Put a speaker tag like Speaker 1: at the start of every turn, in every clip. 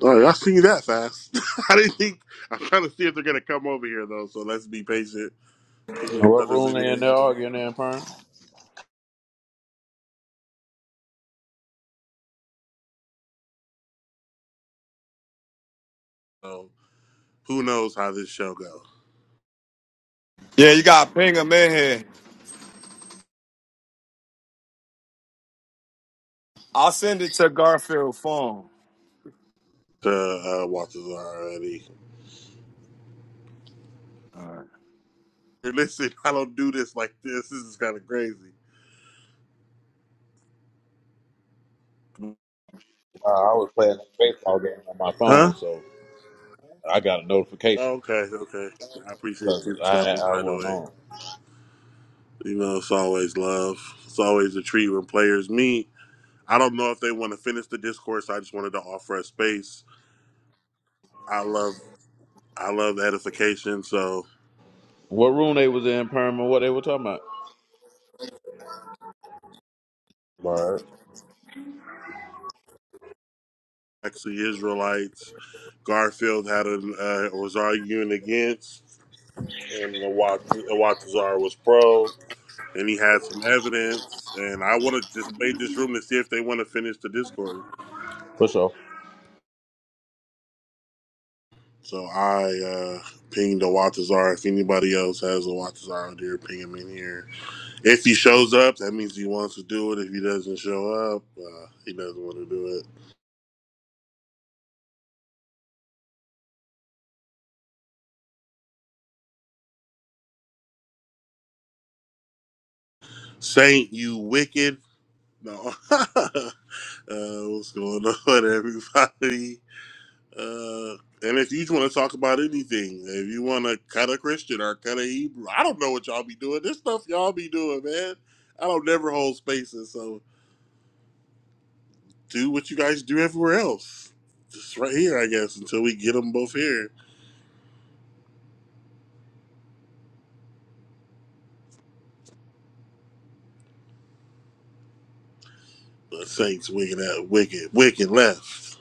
Speaker 1: Oh, you seen that fast. I didn't think. I'm trying to see if they're gonna come over here though. So let's be patient. Ping the
Speaker 2: What
Speaker 1: brothers
Speaker 2: room
Speaker 1: in
Speaker 2: they in
Speaker 1: here.
Speaker 2: there arguing in, Perm?
Speaker 1: So who knows how this show goes?
Speaker 3: Yeah, you got to ping him in here. I'll send it to Garfield phone.
Speaker 1: Uh, uh, watches already.
Speaker 3: All right.
Speaker 1: Hey, Listen, I don't do this like this. This is kind of crazy.
Speaker 2: Uh, I was playing a baseball game on my
Speaker 1: Huh?
Speaker 2: phone, so I got a notification
Speaker 1: Okay, okay. I appreciate
Speaker 2: because
Speaker 1: you for
Speaker 2: I
Speaker 1: stopping
Speaker 2: I
Speaker 1: by the
Speaker 2: wasn't on.
Speaker 1: way. You know, it's always love. It's always a treat when players meet. I don't know if they want to finish the discourse. I just wanted to offer a space. I love, I love the edification. So
Speaker 2: What room they was in, Perm, and what they were talking about? Word.
Speaker 1: actually Israelites. Garfield had a uh, was arguing against, and Watazar was pro, and he had some evidence. And I want to just made this room to see if they want to finish the Discord.
Speaker 2: For sure.
Speaker 1: So I uh, pinged Watazar. If anybody else has a Watazar out there, ping him in here. If he shows up, that means he wants to do it. If he doesn't show up, uh, he doesn't want to do it. Saint, you wicked. No. uh, what's going on, everybody? Uh, and if you want to talk about anything, if you want to cut a Christian or cut a Hebrew, I don't know what y'all be doing. This stuff y'all be doing, man. I don't never hold spaces, so do what you guys do everywhere else. Just right here, I guess, until we get them both here. The Saints wicked at wicked, wicked left.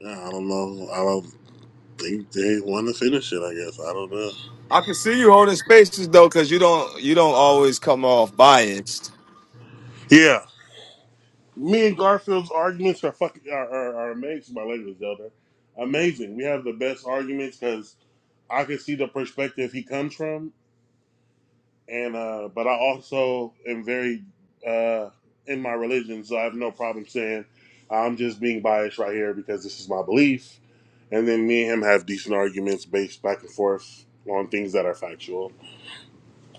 Speaker 1: I don't know. I don't think they want to finish it. I guess I don't know.
Speaker 3: I can see you holding spaces though, cause you don't you don't always come off biased.
Speaker 1: Yeah. Me and Garfield's arguments are fucking are, are, are amazing, my lady Zelda. Amazing. We have the best arguments because I can see the perspective he comes from, and uh, but I also am very uh, in my religion, so I have no problem saying I'm just being biased right here because this is my belief. And then me and him have decent arguments based back and forth on things that are factual.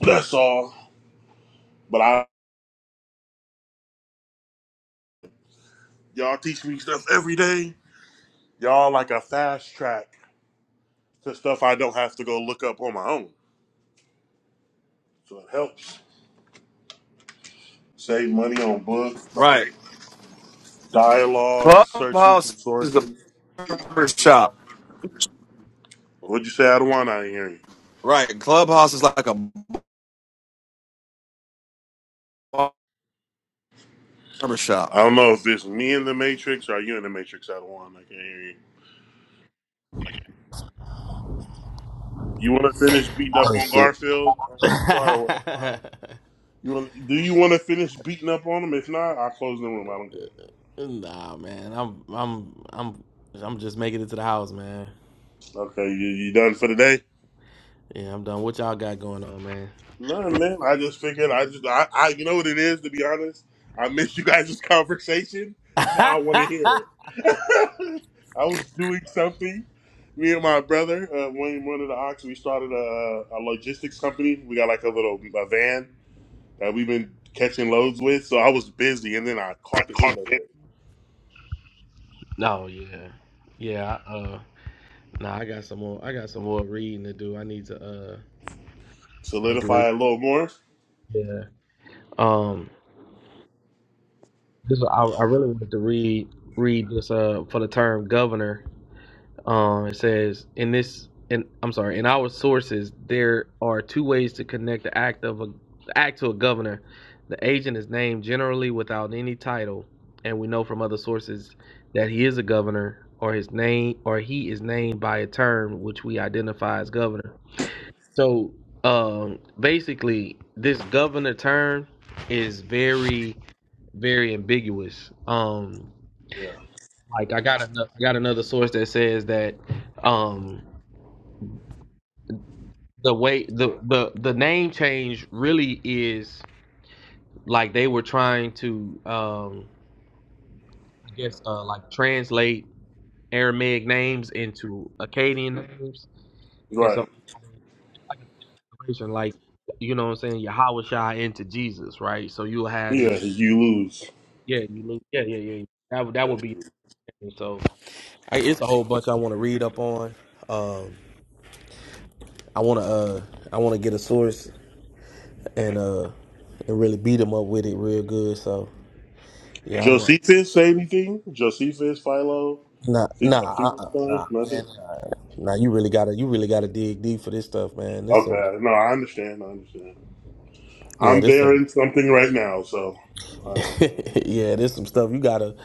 Speaker 1: That's all. But I y'all teach me stuff every day. Y'all like a fast track. to stuff I don't have to go look up on my own. So it helps save money on books,
Speaker 3: Right.
Speaker 1: dialogue, searching through
Speaker 3: Clubhouse is the
Speaker 1: sources.
Speaker 3: barber shop.
Speaker 1: What'd you say, Adawan? I didn't hear you.
Speaker 3: Right. Clubhouse is like a barber shop.
Speaker 1: I don't know if it's me in the Matrix or are you in the Matrix, Adawan. I can't hear you. You want to finish beating up
Speaker 4: Hey,
Speaker 1: on
Speaker 4: so
Speaker 1: Garfield or what? You wanna, do you want to finish beating up on him? If not, I'll close the room. I don't care.
Speaker 4: nah, man. I'm I'm I'm I'm just making it to the house, man.
Speaker 1: Okay, you, you done for the day?
Speaker 4: Yeah, I'm done. What y'all got going on, man?
Speaker 1: No, man. I just figured I just I, I you know what it is to be honest. I missed you guys' conversation. Now I want to hear it. I was doing something. Me and my brother, uh, one one of the ox, we started a, a logistics company. We got like a little a van that we've been catching loads with. So I was busy, and then I caught the end of it.
Speaker 4: no, yeah, yeah. I, uh, nah, I got some more. I got some more reading to do. I need to uh. like to read-
Speaker 1: Solidify a little more.
Speaker 4: Yeah. Um. This I I really wanted to read read this uh for the term governor. Um, it says in this, in I'm sorry, in our sources, there are two ways to connect the act of a the act to a governor. The agent is named generally without any title, and we know from other sources that he is a governor, or his name, or he is named by a term which we identify as governor. So, um, basically, this governor term is very very ambiguous. Um,
Speaker 1: Yeah.
Speaker 4: like I got another, I got another source that says that um the way the the the name change really is like they were trying to um I guess uh like translate Aramaic names into Akkadian names and so
Speaker 1: Right.
Speaker 4: it's like a translation, like you know what I'm saying Yahweh Shai into Jesus right so you'll have
Speaker 1: Yeah.
Speaker 4: these
Speaker 1: You lose.
Speaker 4: yeah you look yeah yeah yeah that would that would be so I, it's a whole bunch I want to read up on um I want to uh I want to get a source and uh and really beat them up with it real good so Yeah, I'm a
Speaker 1: Josephus say anything? Josephus, Philo.
Speaker 4: nah,
Speaker 1: Fink- a
Speaker 4: nah, uh-uh,
Speaker 1: Finkelstein
Speaker 4: nah,
Speaker 1: method?
Speaker 4: man. Nah, Nah, you really gotta, you really gotta dig deep for this stuff, man. This some,
Speaker 1: Okay, no, I understand. I understand.
Speaker 4: yeah,
Speaker 1: I'm
Speaker 4: this
Speaker 1: there
Speaker 4: some,
Speaker 1: in something right now, so I understand.
Speaker 4: yeah, this some stuff you gotta,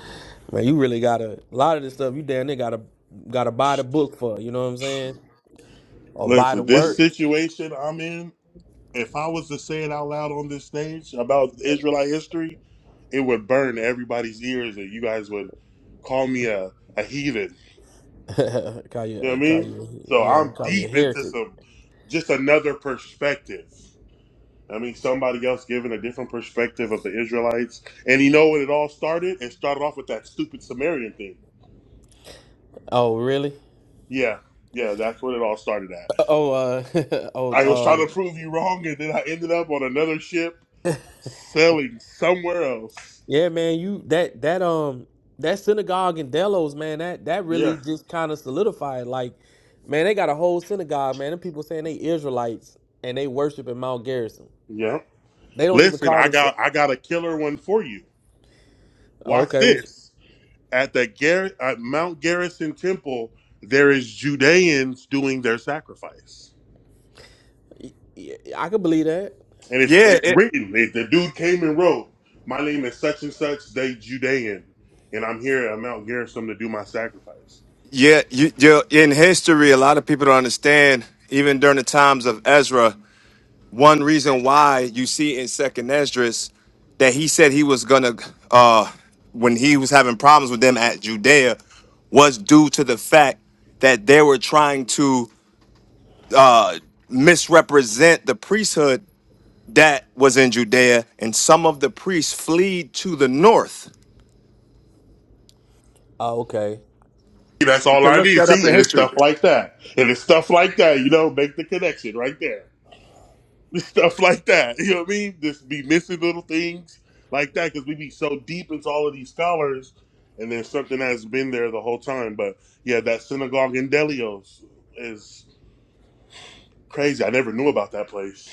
Speaker 4: man. You really gotta. A lot of this stuff you damn near gotta, gotta buy the book for. You know what I'm saying? Or buy the
Speaker 1: Listen, this
Speaker 4: work.
Speaker 1: situation I'm in, if I was to say it out loud on this stage about Israelite history, it would burn everybody's ears and you guys would call me a, a heathen.
Speaker 4: call
Speaker 1: You know what I
Speaker 4: you, call
Speaker 1: mean?
Speaker 4: you,
Speaker 1: So
Speaker 4: yeah,
Speaker 1: I'm
Speaker 4: call you a
Speaker 1: deep into
Speaker 4: heretic.
Speaker 1: some, just another perspective. I mean, somebody else giving a different perspective of the Israelites. And you know when it all started? It started off with that stupid Sumerian thing.
Speaker 4: Oh, really?
Speaker 1: Yeah, yeah, that's what it all started at.
Speaker 4: Oh, uh,
Speaker 1: I was
Speaker 4: oh,
Speaker 1: trying
Speaker 4: um,
Speaker 1: to prove you wrong, and then I ended up on another ship sailing somewhere else.
Speaker 4: Yeah, man, you that that um that synagogue in Delos, man, that that really
Speaker 1: Yeah,
Speaker 4: just kind of solidified. Like, man, they got a whole synagogue, man. Them people saying they Israelites and they worship in Mount Garrison.
Speaker 1: yeah.
Speaker 4: They don't even
Speaker 1: Listen,
Speaker 4: call
Speaker 1: I
Speaker 4: themselves.
Speaker 1: got I got a killer one for you.
Speaker 4: Oh,
Speaker 1: Watch
Speaker 4: okay, well,
Speaker 1: this. At the Gar- at Mount Garrison Temple, there is Judeans doing their sacrifice.
Speaker 4: yeah, I could believe that.
Speaker 1: And it's
Speaker 3: Yeah,
Speaker 1: it's
Speaker 3: it
Speaker 1: written. If the dude came and wrote, "My name is such and such, the Judean, and I'm here at Mount Gerizim to do my sacrifice."
Speaker 3: yeah, you you in history a lot of people don't understand, even during the times of Ezra. one reason why you see in Second Esdras that he said he was gonna uh when he was having problems with them at Judea was due to the fact that they were trying to uh misrepresent the priesthood that was in Judea and some of the priests fled to the north.
Speaker 4: Oh, okay.
Speaker 1: That's
Speaker 3: You
Speaker 1: all
Speaker 3: can
Speaker 1: I
Speaker 3: look
Speaker 1: need.
Speaker 3: that up
Speaker 1: See,
Speaker 3: in
Speaker 1: and it's
Speaker 3: history.
Speaker 1: stuff like that, and it's stuff like that. You know, make the connection right there. It's stuff like that. You know what I mean? Just be missing little things like that because we be so deep into all of these scholars, and there's something that's been there the whole time. But yeah, that synagogue in Delios is crazy. I never knew about that place.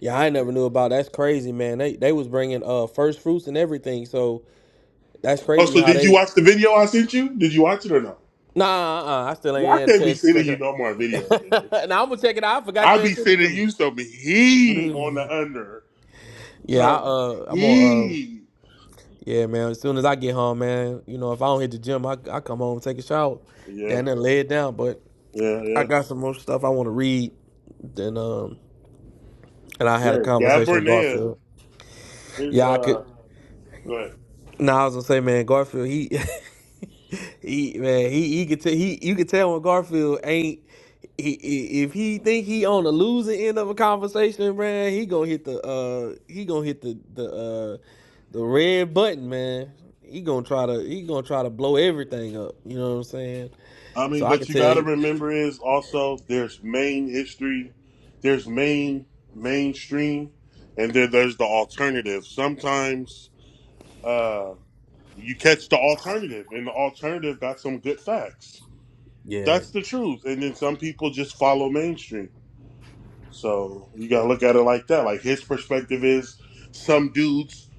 Speaker 4: Yeah, I ain't never knew about. That's crazy, man. They they was bringing uh first fruits and everything. So that's
Speaker 1: Oh,
Speaker 4: crazy
Speaker 1: so
Speaker 4: how
Speaker 1: did you
Speaker 4: they.
Speaker 1: watch the video I sent you? Did you watch it or no?
Speaker 4: Nah, uh-uh, I still ain't
Speaker 1: I
Speaker 4: had a
Speaker 1: can't be
Speaker 4: chance to
Speaker 1: sending
Speaker 4: check
Speaker 1: you no more videos,
Speaker 4: it.
Speaker 1: man.
Speaker 4: out. now I'm gonna check it out. I forgot
Speaker 1: I
Speaker 4: you had
Speaker 1: be
Speaker 4: sent it
Speaker 1: sending
Speaker 4: to
Speaker 1: you some he
Speaker 4: me.
Speaker 1: on the under.
Speaker 4: Yeah, I,
Speaker 1: Some
Speaker 4: uh, I'm on. Uh,
Speaker 1: he.
Speaker 4: yeah, man. As soon as I get home, man, you know, if I don't hit the gym, I, I come home, take a shower,
Speaker 1: Yeah,
Speaker 4: then then lay it down. But
Speaker 1: yeah,
Speaker 4: I
Speaker 1: yeah.
Speaker 4: got some more stuff I want to read. Then um, and I had a
Speaker 1: Yeah, Gab
Speaker 4: conversation with
Speaker 1: Bernea
Speaker 4: Garfield.
Speaker 1: is,
Speaker 4: Yeah, I
Speaker 1: uh,
Speaker 4: could.
Speaker 1: go ahead.
Speaker 4: Now I was gonna say, man, Garfield, he He man, he he could tell he you could tell when Garfield ain't he, he- if he think he on the losing end of a conversation, man, he gonna hit the uh he gonna hit the the uh the red button, man. He gonna try to he gonna try to blow everything up. You know what I'm saying?
Speaker 1: I mean,
Speaker 4: So I
Speaker 1: but
Speaker 4: could
Speaker 1: you
Speaker 4: tell.
Speaker 1: gotta
Speaker 4: You,
Speaker 1: remember is also there's main history, there's main, mainstream, and then there's the alternative. Sometimes, uh, you catch the alternative, and the alternative got some good facts.
Speaker 4: Yeah,
Speaker 1: That's the truth. And then some people just follow mainstream. So you gotta look at it like that. Like his perspective is some dudes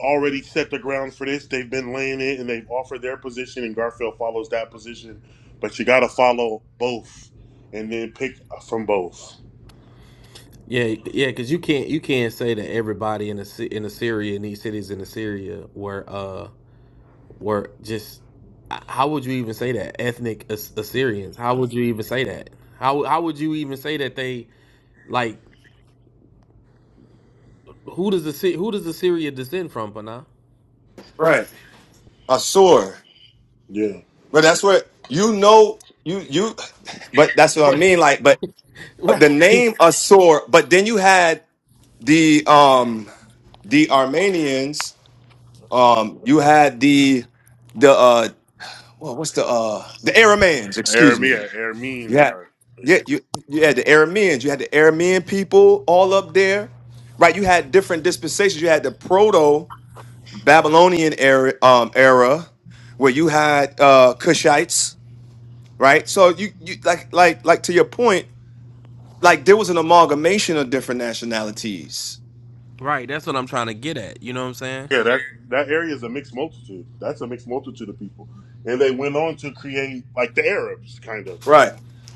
Speaker 1: already set the ground for this. They've been laying it and they've offered their position and Garfield follows that position. But you gotta follow both and then pick from both.
Speaker 4: yeah, yeah. Because you can't you can't say that everybody in the ci- in the Syria in these cities in the Syria were. uh were just how would you even say that ethnic As- Assyrians? How would you even say that? How how would you even say that they like who does the who does Assyria descend from, Pana?
Speaker 3: Right. Assur.
Speaker 1: Yeah.
Speaker 3: But that's what you know you you but that's what I
Speaker 4: But
Speaker 3: mean like but
Speaker 4: right,
Speaker 3: the name Assur but then you had the um the Armenians, um, you had the the uh well, what's the uh the Arameans, excuse me.
Speaker 1: Aramia, Arameans
Speaker 3: You had
Speaker 1: are
Speaker 3: yeah, you you had the Arameans, you had the Aramean people all up there, right? You had different dispensations. You had the proto Babylonian era um era where you had uh Cushites, right? So you you like like like to your point, like there was an amalgamation of different nationalities.
Speaker 4: right. That's what I'm trying to get at. You know what I'm saying?
Speaker 1: yeah, that that area is a mixed multitude. That's a mixed multitude of people. And they went on to create like the Arabs kind of,
Speaker 3: Right.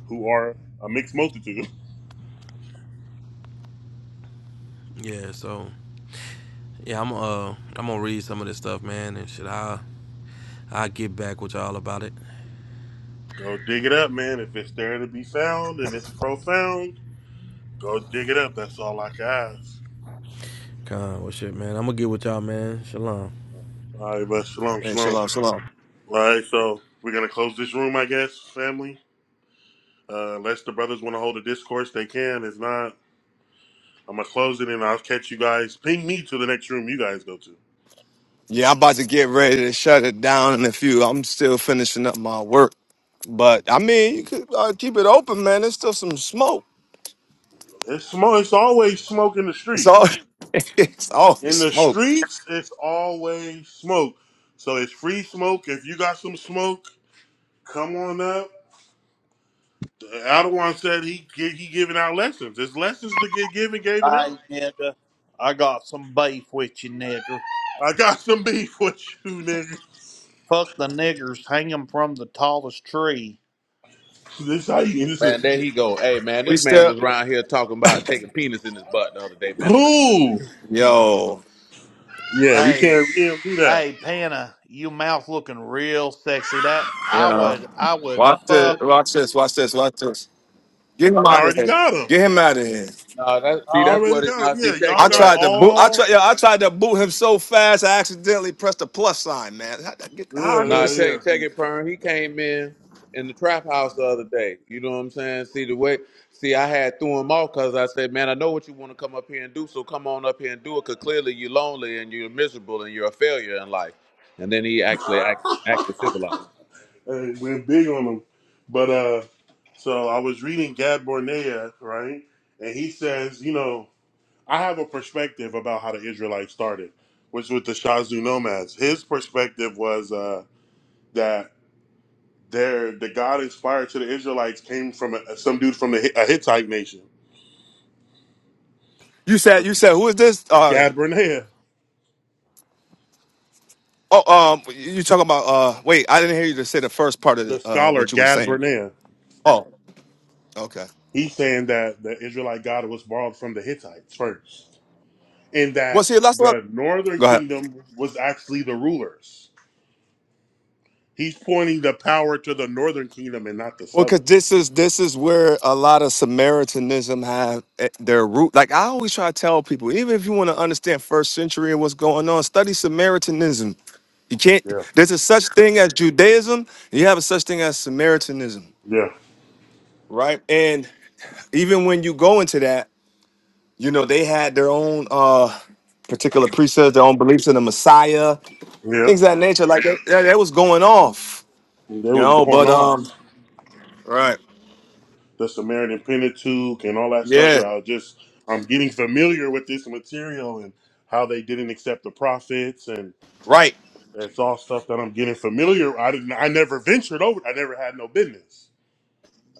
Speaker 1: who are a mixed multitude.
Speaker 4: Yeah. So yeah, I'm uh I'm gonna read some of this stuff, man, and shit. I I get back with y'all about it.
Speaker 1: Go dig it up, man. If it's there to be found and it's profound, go dig it up. That's all I can ask.
Speaker 4: Con, well, shit, man. I'm gonna get with y'all, man. Shalom.
Speaker 1: All right, but shalom,
Speaker 3: And
Speaker 1: shalom.
Speaker 3: shalom, shalom.
Speaker 1: All right, so we're gonna close this room, I guess, family. Uh, unless the brothers want to hold a discourse, they can. If not, I'm gonna close it and I'll catch you guys. Ping me to the next room you guys go to.
Speaker 3: Yeah, I'm about to get ready to shut it down in a few. I'm still finishing up my work, but I mean, you could uh, keep it open, man. There's still some smoke.
Speaker 1: It's smoke. It's always smoke in the
Speaker 3: It's
Speaker 1: streets.
Speaker 3: all, it's always
Speaker 1: In the
Speaker 3: smoke.
Speaker 1: streets, it's always smoke. So it's free smoke. If you got some smoke, come on up. Aldewan said he he giving out lessons. It's lessons to get given, giving out.
Speaker 5: Hey, nigga, I got some beef with you, nigga.
Speaker 1: I got some beef with you, nigga.
Speaker 5: Fuck the niggers, hang 'em from the tallest tree.
Speaker 1: This how you. This is
Speaker 2: Man, there he go. Hey, man,
Speaker 3: We
Speaker 2: this man
Speaker 3: still,
Speaker 2: was around here talking about taking penis in his butt the other day, man. I don't listen to this.
Speaker 1: cool.
Speaker 3: yo,
Speaker 1: Yeah, we
Speaker 5: Hey,
Speaker 1: can't. We can't do that.
Speaker 5: hey, Panna, you mouth looking real sexy. That I
Speaker 3: yeah.
Speaker 5: would, I would
Speaker 3: Watch
Speaker 5: fuck
Speaker 3: this, watch this, watch this, watch this. Get him
Speaker 1: I
Speaker 3: out of
Speaker 1: already
Speaker 3: here.
Speaker 1: got him.
Speaker 3: Get him out of here.
Speaker 2: Nah, that,
Speaker 1: I
Speaker 2: see, that's
Speaker 1: already
Speaker 2: what it.
Speaker 1: got
Speaker 2: Nah,
Speaker 1: him.
Speaker 2: see,
Speaker 1: Yeah,
Speaker 2: check
Speaker 1: y'all
Speaker 2: it,
Speaker 3: I
Speaker 1: got
Speaker 2: right?
Speaker 3: tried to boot. I
Speaker 1: all.
Speaker 3: tried. Yeah, I tried to boot him so fast. I accidentally pressed the plus sign, man. How, how I
Speaker 1: Yeah,
Speaker 3: get
Speaker 2: Nah,
Speaker 1: yeah,
Speaker 3: this?
Speaker 2: take
Speaker 1: yeah.
Speaker 2: it, take it, Pern. He came in in the trap house the other day. You know what I'm saying? See the way. See, I had threw him off because I said, "Man, I know what you want to come up here and do. So come on up here and do it. Cause clearly you're lonely and you're miserable and you're a failure in life." And then he actually act, acted civilized.
Speaker 1: Hey, went big on him. But uh, so I was reading Gad Bornea, right? And he says, you know, I have a perspective about how the Israelites started, which was the Shazu nomads. His perspective was uh that Their the God inspired to the Israelites came from a, some dude from the Hi- a Hittite nation,
Speaker 3: You said. You said. Who is this? Uh,
Speaker 1: Gad Barnea,
Speaker 3: Oh, um, you talking about? Uh, wait, I didn't hear you to say the first part of
Speaker 1: the
Speaker 3: the, uh
Speaker 1: scholar
Speaker 3: what you were
Speaker 1: Gad
Speaker 3: saying.
Speaker 1: Barnea.
Speaker 3: Oh, okay.
Speaker 1: He's saying that the Israelite God was borrowed from the Hittites first, and
Speaker 3: Well,
Speaker 1: that
Speaker 3: see, let's look.
Speaker 1: the northern
Speaker 3: Go ahead.
Speaker 1: kingdom was actually the rulers. He's pointing the power to the northern kingdom and not the
Speaker 3: Well, because
Speaker 1: southern.
Speaker 3: this is this is where a lot of Samaritanism have eh, their root. Like I always try to tell people, even if you want to understand first century and what's going on, study Samaritanism. You can't.
Speaker 1: Yeah,
Speaker 3: There's a such thing as Judaism. You have a such thing as Samaritanism,
Speaker 1: yeah,
Speaker 3: right? And even when you go into that. You know, they had their own uh particular precepts, their own beliefs in the Messiah,
Speaker 1: yeah.
Speaker 3: things of that nature. Like that, that, that was going off,
Speaker 1: That
Speaker 3: you
Speaker 1: was
Speaker 3: know.
Speaker 1: going
Speaker 3: But
Speaker 1: on.
Speaker 3: um, right,
Speaker 1: the Samaritan Pentateuch and all that stuff.
Speaker 3: yeah,
Speaker 1: Yeah, I just I'm getting familiar with this material and how they didn't accept the prophets, and
Speaker 3: right,
Speaker 1: that's all stuff that I'm getting familiar. I didn't. I never ventured over. I never had no business.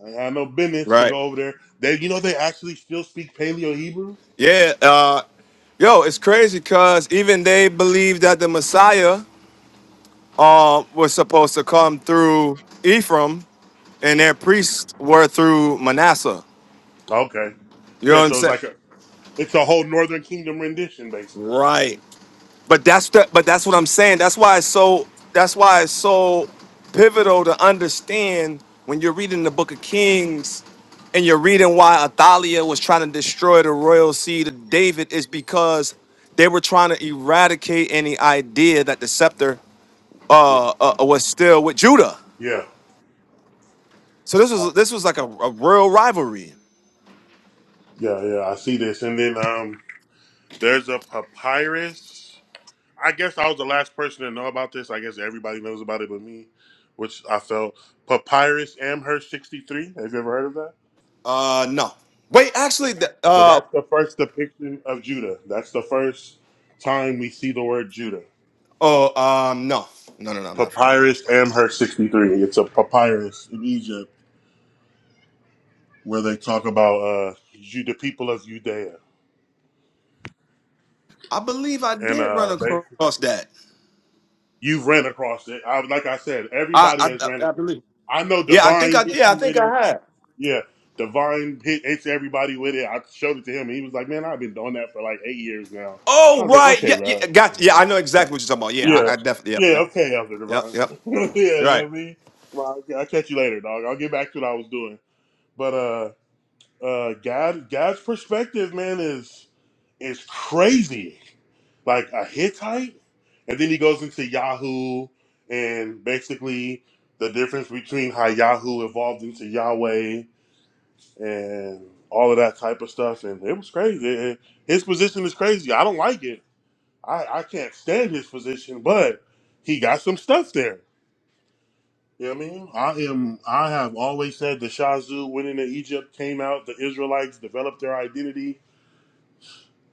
Speaker 1: I had no business to
Speaker 3: right,
Speaker 1: go over there. They, you know, they actually still speak Paleo Hebrew.
Speaker 3: yeah. Uh, yo, it's crazy because even they believed that the Messiah uh, was supposed to come through Ephraim, and their priests were through Manasseh.
Speaker 1: Okay,
Speaker 3: You know
Speaker 1: yeah.
Speaker 3: what I'm
Speaker 1: So it's
Speaker 3: saying?
Speaker 1: like a it's a whole Northern Kingdom rendition, basically.
Speaker 3: Right. But that's the, but that's what I'm saying. That's why it's so that's why it's so pivotal to understand when you're reading the book of Kings and you're reading why Athaliah was trying to destroy the royal seed of David is because they were trying to eradicate any idea that the scepter uh, uh uh, was still with Judah.
Speaker 1: Yeah,
Speaker 3: So this
Speaker 1: I-
Speaker 3: was this was like a, a royal rivalry.
Speaker 1: yeah, yeah. I see this, and then um, there's a papyrus. I guess I was the last person to know about this. I guess everybody knows about it but me, which I felt Papyrus Amherst 63. Have you ever heard of that?
Speaker 3: Uh no. Wait, actually the,
Speaker 1: So
Speaker 3: uh
Speaker 1: that's the first depiction of Judah. That's the first time we see the word Judah.
Speaker 3: oh um no. No no no I'm not familiar.
Speaker 1: Papyrus Amherst 63. It's a papyrus in Egypt where they talk about uh, Ju- the people of Judea.
Speaker 3: I believe I
Speaker 1: And
Speaker 3: did run
Speaker 1: uh, they,
Speaker 3: across that.
Speaker 1: you've ran across it. I, like I said, everybody
Speaker 3: I,
Speaker 1: has ran
Speaker 3: I,
Speaker 1: it.
Speaker 3: I believe.
Speaker 1: I know
Speaker 3: Yeah, I think
Speaker 1: Divine
Speaker 3: I.
Speaker 1: hit
Speaker 3: Yeah, I
Speaker 1: you with
Speaker 3: think
Speaker 1: it.
Speaker 3: I had.
Speaker 1: Yeah, Divine hit, hits everybody with it. I showed it to him, and he was like, "Man, I've been doing that for like eight years now." I
Speaker 3: Oh
Speaker 1: was like,
Speaker 3: right.
Speaker 1: "Okay,
Speaker 3: Yeah,
Speaker 1: bro,
Speaker 3: yeah.
Speaker 1: Elder
Speaker 3: Got. Yeah,
Speaker 1: Divine."
Speaker 3: I know exactly what you're talking about. Yeah,
Speaker 1: Yeah,
Speaker 3: I, I definitely. Yep.
Speaker 1: yeah,
Speaker 3: Yep.
Speaker 1: okay, Elder
Speaker 3: Yep.
Speaker 1: Divine.
Speaker 3: Yep.
Speaker 1: yeah, you
Speaker 3: You're
Speaker 1: know
Speaker 3: right.
Speaker 1: what I mean. Well, I'll I'll catch you later, dog. I'll get back to what I was doing. But uh, uh, God, God's perspective, man, is is crazy. Like a Hittite, and then he goes into Yahoo, and basically the difference between how Yahoo evolved into Yahweh and all of that type of stuff. And it was crazy. And His position is crazy. I don't like it. I, I can't stand his position, but he got some stuff there. You know what I mean? I am I have always said the Shazu went into Egypt, came out, the Israelites developed their identity.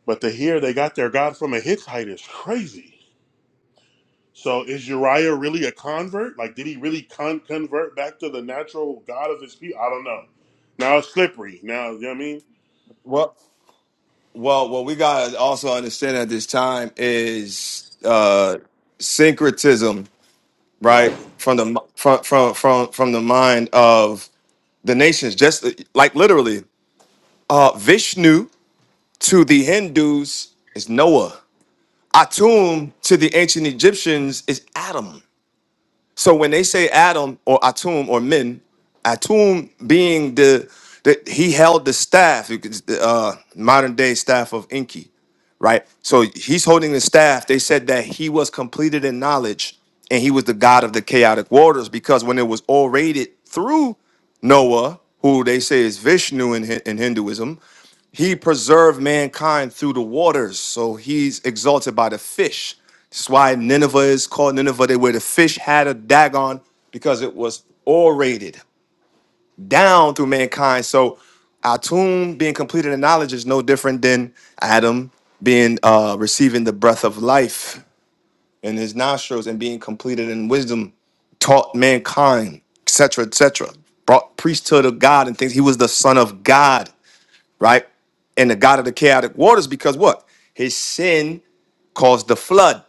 Speaker 1: But to hear they got their God from a Hittite is crazy. So is Uriah really a convert? Like did he really con- convert back to the natural God of his people? I don't know. Now it's slippery. Now you know what I mean?
Speaker 3: Well, well, what we gotta also understand at this time is uh syncretism,
Speaker 1: Right.
Speaker 3: right? From the from from from from the mind of the nations, just like literally, uh, Vishnu to the Hindus is Noah. Atum to the ancient Egyptians is Adam. So when they say Adam or Atum or men, Atum being the, the he held the staff, you could- uh, modern day staff of Inki, right? So he's holding the staff. They said that he was completed in knowledge and he was the god of the chaotic waters because when it was orated through Noah, who they say is Vishnu in, Hi- in Hinduism, he preserved mankind through the waters, so he's exalted by the fish. That's why Nineveh is called Nineveh, they where the fish had a dagon because it was orated down through mankind. So Atum being completed in knowledge is no different than Adam being uh, receiving the breath of life in his nostrils and being completed in wisdom, taught mankind, etc., etc. Brought priesthood of God and things. He was the son of God right? And the God of the chaotic waters, because what? His sin caused the flood.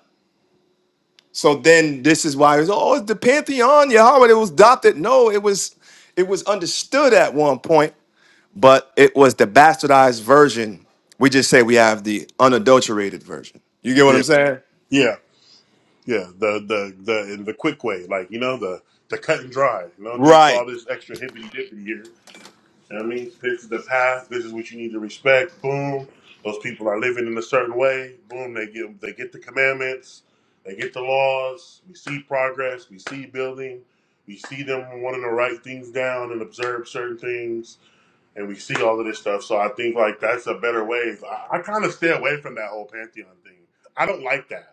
Speaker 3: So then this is why it's oh, it's the pantheon, Yahweh, it was adopted. No, it was it was understood at one point, but it was the bastardized version. We just say we have the unadulterated version. You get what
Speaker 1: Yeah.
Speaker 3: I'm saying?
Speaker 1: Yeah. Yeah, the the the in the quick way, like you know, the the cut and dry. No need for
Speaker 3: Right,
Speaker 1: all this extra hippity dippity here. You know what I mean, this is the path. This is what you need to respect. Boom. Those people are living in a certain way. Boom. They get they get the commandments. They get the laws. We see progress. We see building. We see them wanting to write things down and observe certain things, and we see all of this stuff. So I think like that's a better way. I, I kind of stay away from that whole pantheon thing. I don't like that.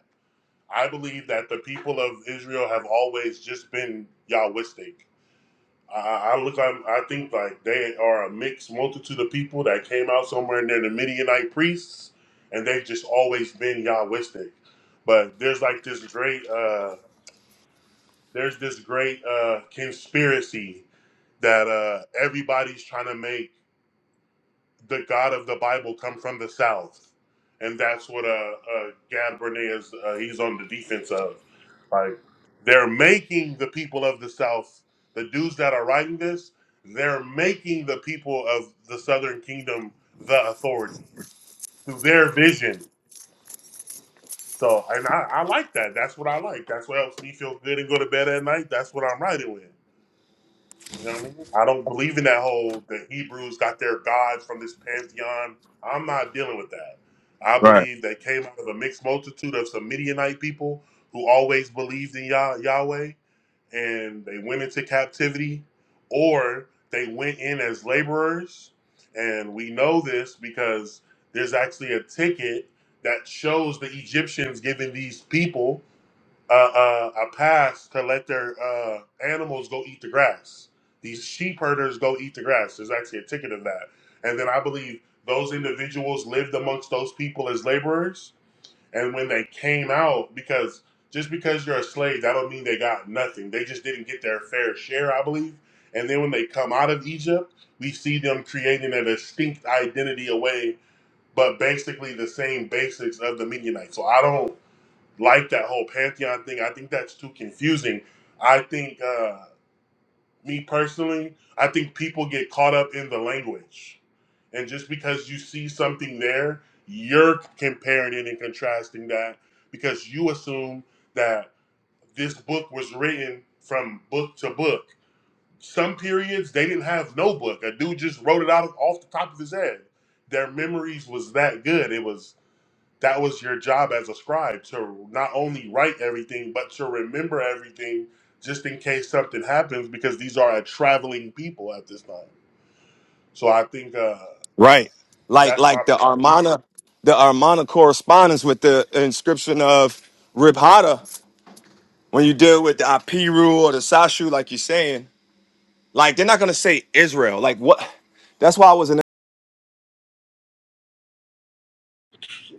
Speaker 1: I believe that the people of Israel have always just been Yahwistic. I, I look, i I think like they are a mixed multitude of people that came out somewhere near the Midianite priests, and they've just always been Yahwistic. But there's like this great, uh, there's this great uh, conspiracy that uh, everybody's trying to make the God of the Bible come from the South, and that's what uh, uh Gad Brene is. Uh, he's on the defense of, like they're making the people of the South, the dudes that are writing this, they're making the people of the Southern Kingdom the authority through their vision. So, and I, I like that. That's what I like. That's what helps me feel good and go to bed at night. That's what I'm writing with. You know what I mean? I don't believe in that whole the Hebrews got their gods from this pantheon. I'm not dealing with that. I
Speaker 3: Right.
Speaker 1: believe they came out of a mixed multitude of some Midianite people who always believed in Yah- Yahweh and they went into captivity or they went in as laborers. And we know this because there's actually a ticket that shows the Egyptians giving these people uh, uh, a pass to let their uh, animals go eat the grass. These sheep herders go eat the grass. There's actually a ticket of that. And then I believe those individuals lived amongst those people as laborers. And when they came out, because just because you're a slave, that don't mean they got nothing. They just didn't get their fair share, I believe. And then when they come out of Egypt, we see them creating a distinct identity away, but basically the same basics of the Midianites. So I don't like that whole pantheon thing. I think that's too confusing. I think, uh, me personally, I think people get caught up in the language, and just because you see something there, you're comparing it and contrasting that because you assume that this book was written from book to book. Some periods they didn't have no book. A dude just wrote it out off the top of his head. Their memories was that good. It was that was your job as a scribe to not only write everything but to remember everything just in case something happens because these are a traveling people at this time so i think uh
Speaker 3: right. Like
Speaker 1: that's my
Speaker 3: like the
Speaker 1: perspective
Speaker 3: Armana, the Armana correspondence with the inscription of Rib Hada, when you deal with the IP rule or the Sashu, like you're saying, Like they're not gonna say Israel. Like what? That's why I was in.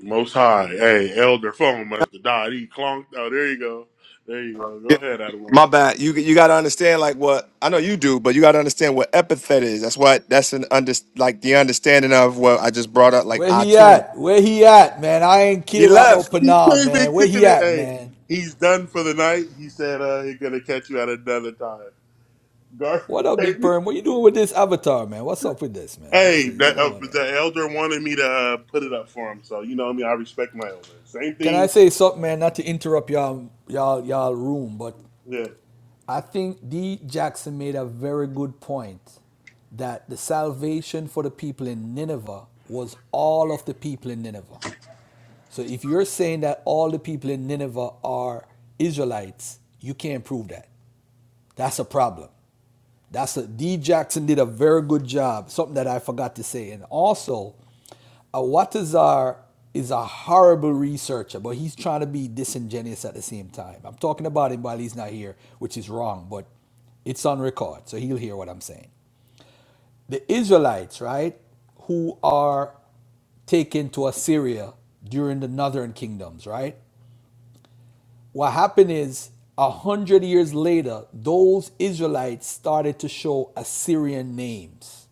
Speaker 1: most high hey elder phone must have died he clonked oh there you go there you go go ahead adam
Speaker 3: My bad. You you gotta understand like what I know you do, but you gotta understand what epithet is. That's what that's an under like the understanding of what I just brought up. Like
Speaker 6: Where he
Speaker 3: Atum.
Speaker 6: at? Where he at, man? I ain't
Speaker 3: He
Speaker 6: care about no
Speaker 3: left.
Speaker 1: he
Speaker 6: Panam,
Speaker 1: came in
Speaker 6: man. Where
Speaker 1: kicking
Speaker 6: he
Speaker 1: it
Speaker 6: at,
Speaker 1: hey
Speaker 6: man?
Speaker 1: he's done for the night he said uh he's gonna catch you at another time garfield
Speaker 6: What up,
Speaker 1: take
Speaker 6: Big
Speaker 1: me.
Speaker 6: Perm? What you doing with this avatar, man? What's up with this, man? What's
Speaker 1: Hey,
Speaker 6: it? You
Speaker 1: the, uh,
Speaker 6: know that.
Speaker 1: the elder wanted me to uh, put it up for him, so you know me. I respect my elder. Same
Speaker 6: Can I
Speaker 1: thing.
Speaker 6: say something, man? Not to interrupt y'all, y'all, y'all room, but
Speaker 1: Yeah.
Speaker 6: I think D Jackson made a very good point that the salvation for the people in Nineveh was all of the people in Nineveh. So if you're saying that all the people in Nineveh are Israelites, you can't prove that. That's a problem. That's a D Jackson did a very good job. Something that I forgot to say. And also, Awatazar is a horrible researcher, but he's trying to be disingenuous at the same time. I'm talking about him while he's not here, which is wrong, but it's on record, so he'll hear what I'm saying. The Israelites, right, who are taken to Assyria during the northern kingdoms, right? What happened is a hundred years later, those Israelites started to show Assyrian names.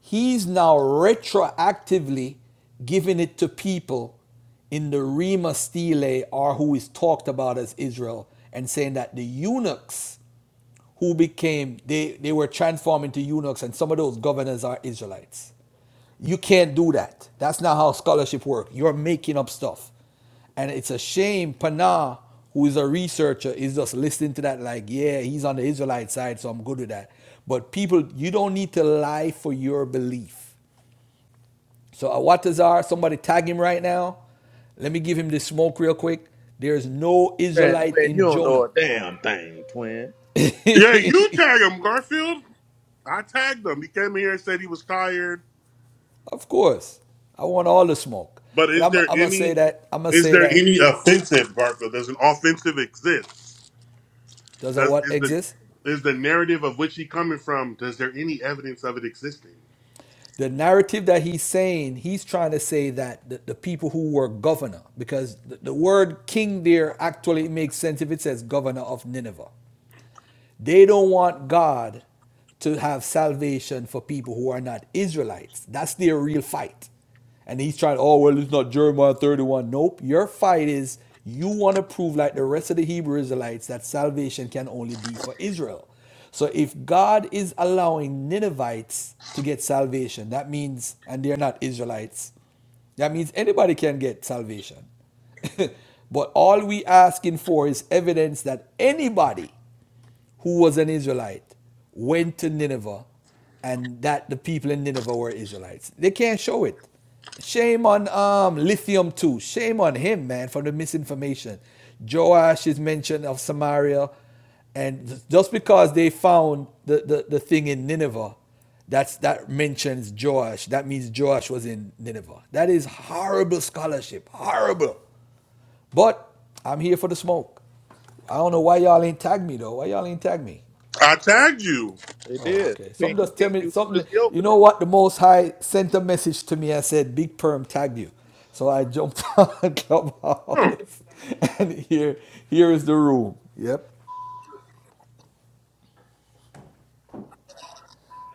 Speaker 6: He's now retroactively giving it to people in the Rima Stele, or who is talked about as Israel, and saying that the eunuchs who became they, they were transformed into eunuchs, and some of those governors are Israelites. You can't do that. That's not how scholarship works. You're making up stuff. And it's a shame Pana, who is a researcher, is just listening to that like, yeah, he's on the Israelite side, so I'm good with that. But people, you don't need to lie for your belief. So Awatazar, somebody tag him right now. Let me give him the smoke real quick. There's no
Speaker 2: Man,
Speaker 6: Israelite
Speaker 2: twin, you
Speaker 6: in
Speaker 2: don't know
Speaker 6: Jonah.
Speaker 2: a damn thing, twin.
Speaker 6: of
Speaker 1: Yeah, you tag him, Garfield. I tagged him. He came here and said he was tired.
Speaker 6: course. I want all the smoke.
Speaker 1: But
Speaker 6: But
Speaker 1: is
Speaker 6: I'm,
Speaker 1: there
Speaker 6: I'm gonna say
Speaker 1: any
Speaker 6: that, I'm gonna
Speaker 1: is
Speaker 6: say
Speaker 1: there
Speaker 6: that.
Speaker 1: any offensive, Garfield? Does an offensive exist?
Speaker 6: Does a
Speaker 1: Does
Speaker 6: what
Speaker 1: is the
Speaker 6: exist?
Speaker 1: is the narrative of which he coming from? Does there any evidence of it existing?
Speaker 6: the narrative that he's saying, he's trying to say that the, the people who were governor, because the, the word king there actually makes sense if it says governor of Nineveh. They don't want God to have salvation for people who are not Israelites. That's their real fight. And he's trying, oh, well, it's not Jeremiah 31. Nope. Your fight is you want to prove, like the rest of the Hebrew Israelites, that salvation can only be for Israel. So if God is allowing Ninevites to get salvation, that means, and they're not Israelites, that means anybody can get salvation. but all we asking for is evidence that anybody who was an Israelite went to Nineveh and that the people in Nineveh were Israelites. They can't show it. Shame on um, Lithium too. Shame on him, man, for the misinformation. Joash is mentioned of Samaria. And just because they found the, the, the thing in Nineveh, that's that mentions Joash. That means Joash was in Nineveh. That is horrible scholarship. Horrible. But I'm here for the smoke. I don't know why y'all ain't tagged me though. Why y'all ain't tagged me?
Speaker 1: I tagged you.
Speaker 2: They
Speaker 6: Oh,
Speaker 2: did.
Speaker 6: okay.
Speaker 2: They
Speaker 6: Some
Speaker 2: pinged,
Speaker 6: just
Speaker 2: he
Speaker 6: tell
Speaker 2: pinged
Speaker 6: me
Speaker 2: you as soon as
Speaker 6: something.
Speaker 2: he
Speaker 6: You
Speaker 2: opened
Speaker 6: know
Speaker 2: it.
Speaker 6: what? The Most High sent a message to me and said, "Big Perm tagged you," so I jumped on
Speaker 1: Oh,
Speaker 6: Clubhouse, and here, here is the room. Yep.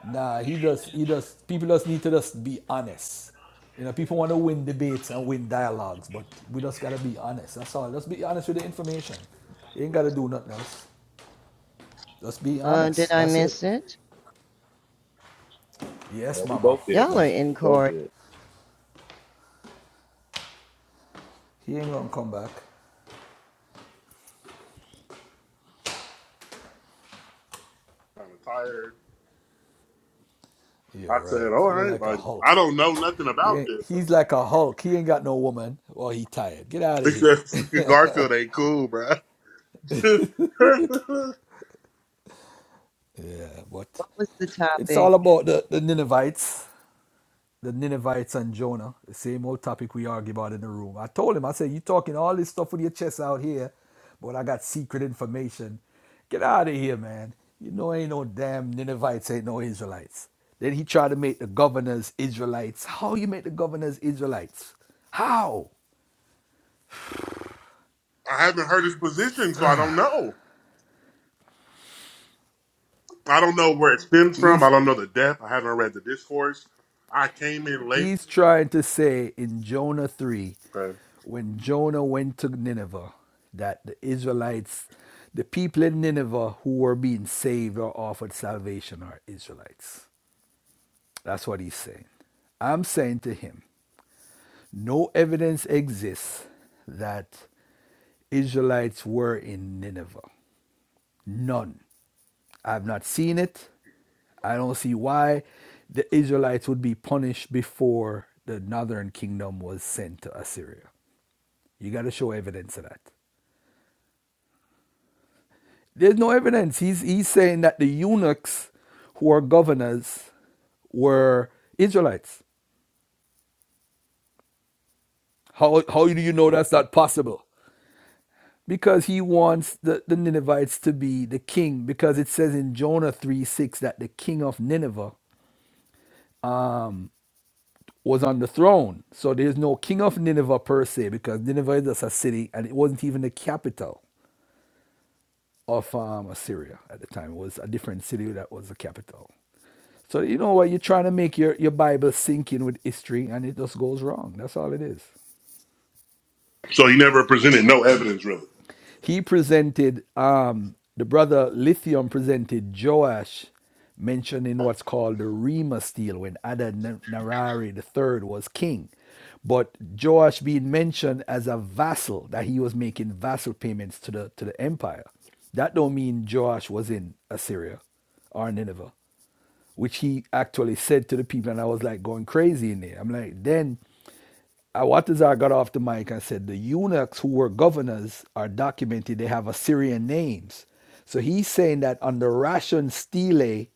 Speaker 6: Nah, he just, he just. People just need to just be honest. You know, people want to win debates and win dialogues, but we just gotta be honest. That's all. Just be honest with the information. You ain't gotta do nothing else. Just be
Speaker 7: Uh, did
Speaker 6: honest.
Speaker 7: I
Speaker 6: That's it.
Speaker 7: miss it?
Speaker 2: Yeah,
Speaker 6: Yes,
Speaker 2: we
Speaker 6: Mama.
Speaker 2: both did,
Speaker 7: Y'all are
Speaker 2: man. We both
Speaker 7: incorrigible.
Speaker 2: did.
Speaker 6: He ain't gonna come back.
Speaker 1: I'm tired. I
Speaker 6: You're
Speaker 1: said,
Speaker 6: right.
Speaker 1: all
Speaker 6: You're
Speaker 1: right.
Speaker 6: like a
Speaker 1: Like I
Speaker 6: Hulk.
Speaker 1: don't know nothing about
Speaker 6: Yeah,
Speaker 1: this.
Speaker 6: he's like a Hulk. He ain't got no woman. Well, he tired. Get out of here.
Speaker 1: Because freaking Garfield ain't cool, bruh.
Speaker 6: yeah, but
Speaker 7: What was the
Speaker 6: it's
Speaker 7: topic?
Speaker 6: all about the, the Ninevites. The Ninevites and Jonah. The same old topic we argue about in the room. I told him, I said, you talking all this stuff with your chest out here, but I got secret information. Get out of here, man. You know ain't no damn Ninevites, ain't no Israelites. Then he tried to make the governors Israelites. How you make the governors Israelites? How?
Speaker 1: I haven't heard his position, so I don't know. I don't know where it stems from. I
Speaker 6: He's
Speaker 1: don't know the depth. I haven't read the discourse. I came in late.
Speaker 6: he's trying to say in Jonah 3
Speaker 1: Okay.
Speaker 6: when Jonah went to Nineveh that the Israelites the people in Nineveh who were being saved or offered salvation are Israelites. That's what he's saying. I'm saying to him, no evidence exists that Israelites were in Nineveh. None. I've not seen it. I don't see why the Israelites would be punished before the northern kingdom was sent to Assyria. You got to show evidence of that. There's no evidence. He's, he's saying that the eunuchs who are governors were Israelites. How, how do you know that's not possible? Because he wants the, the Ninevites to be the king, because it says in Jonah 3 6 that the king of Nineveh was on the throne. So there's no king of Nineveh per se, because Nineveh is just a city, and it wasn't even the capital of um, Assyria at the time. It was a different city that was the capital. So you know what? You're trying to make your, your Bible sink in with history, and it just goes wrong. That's all it is.
Speaker 1: So he never presented no evidence, really.
Speaker 6: He presented, um, the brother Lithium presented Joash mentioning what's called the Remus deal when Adad-Nirari the Third was king. But Joash being mentioned as a vassal, that he was making vassal payments to the, to the empire. That don't mean Joash was in Assyria or Nineveh, which he actually said to the people. And I was like going crazy in there. I'm like, then uh, what is I got off the mic and said the eunuchs who were governors are documented they have Assyrian names. So he's saying that under Ration Stele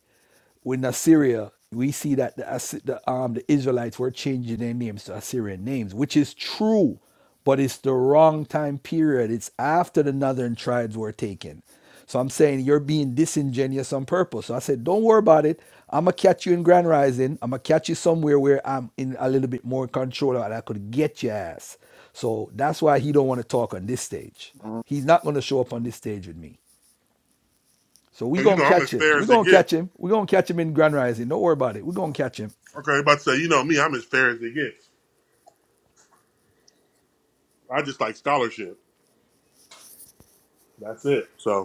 Speaker 6: in Assyria, we see that the, Assy- the, um, the Israelites were changing their names to Assyrian names, which is true but it's the wrong time period. It's after the northern tribes were taken. So I'm saying you're being disingenuous on purpose. So I said, don't worry about it. I'm gonna catch you in Grand Rising. I'm gonna catch you somewhere where I'm in a little bit more control and I could get your ass. So that's why he don't want to talk on this stage. He's not gonna show up on this stage with me. So we
Speaker 1: So, You
Speaker 6: gonna
Speaker 1: know, I'm as
Speaker 6: catch him.
Speaker 1: fair
Speaker 6: we
Speaker 1: as it
Speaker 6: gonna
Speaker 1: gets.
Speaker 6: catch him. we gonna catch him in Grand Rising. Don't worry about it. we gonna catch him.
Speaker 1: Okay, about to say, you know me, I'm as fair as it gets. I just like scholarship. That's it. So.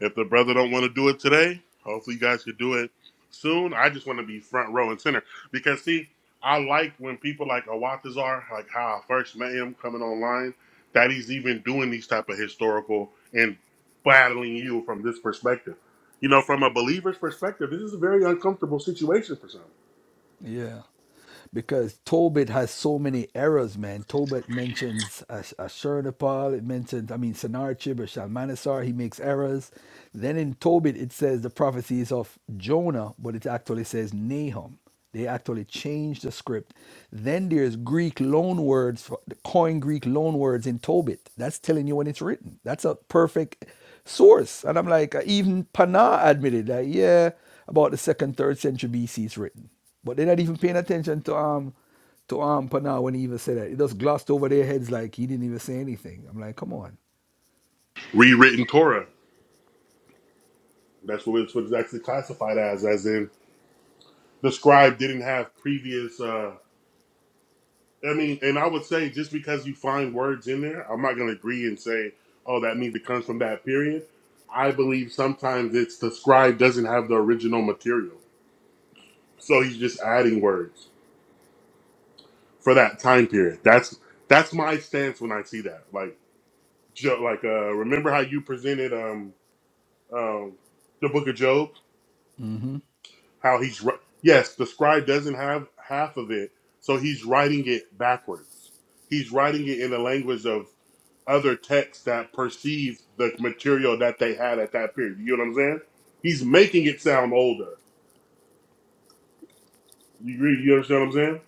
Speaker 1: If the brother don't want to do it today, hopefully you guys could do it soon. I just want to be front row and center because see, I like when people like Awatazar, like how I first met him coming online, that he's even doing these type of historical and battling you from this perspective. You know, from a believer's perspective, this is a very uncomfortable situation for some.
Speaker 6: Yeah. Because Tobit has so many errors, man. Tobit mentions Ash- Ashurnapal, it mentions, I mean, Sennacherib or Shalmaneser, he makes errors. Then in Tobit, it says the prophecies of Jonah, but it actually says Nahum. They actually changed the script. Then there's Greek loan words, for- the coin Greek loan words in Tobit. That's telling you when it's written. That's a perfect source. And I'm like, even Pana admitted that, yeah, about the second, third century BC is written. But they're not even paying attention to um to um Pana when he even said that. It just glossed over their heads like he didn't even say anything. I'm like, come on.
Speaker 1: Rewritten Torah. That's what it's, what it's actually classified as, as in the scribe didn't have previous. uh, I mean, and I would say just because you find words in there, I'm not going to agree and say, oh, that means it comes from that period. I believe sometimes it's the scribe doesn't have the original material, so he's just adding words for that time period. That's that's my stance when I see that. Like, jo- like uh, remember how you presented um, um, the Book of Job? How he's wri- yes, the scribe doesn't have half of it, so he's writing it backwards. He's writing it in the language of other texts that perceive the material that they had at that period. You know what I'm saying? He's making it sound older. You agree? You understand what I'm saying?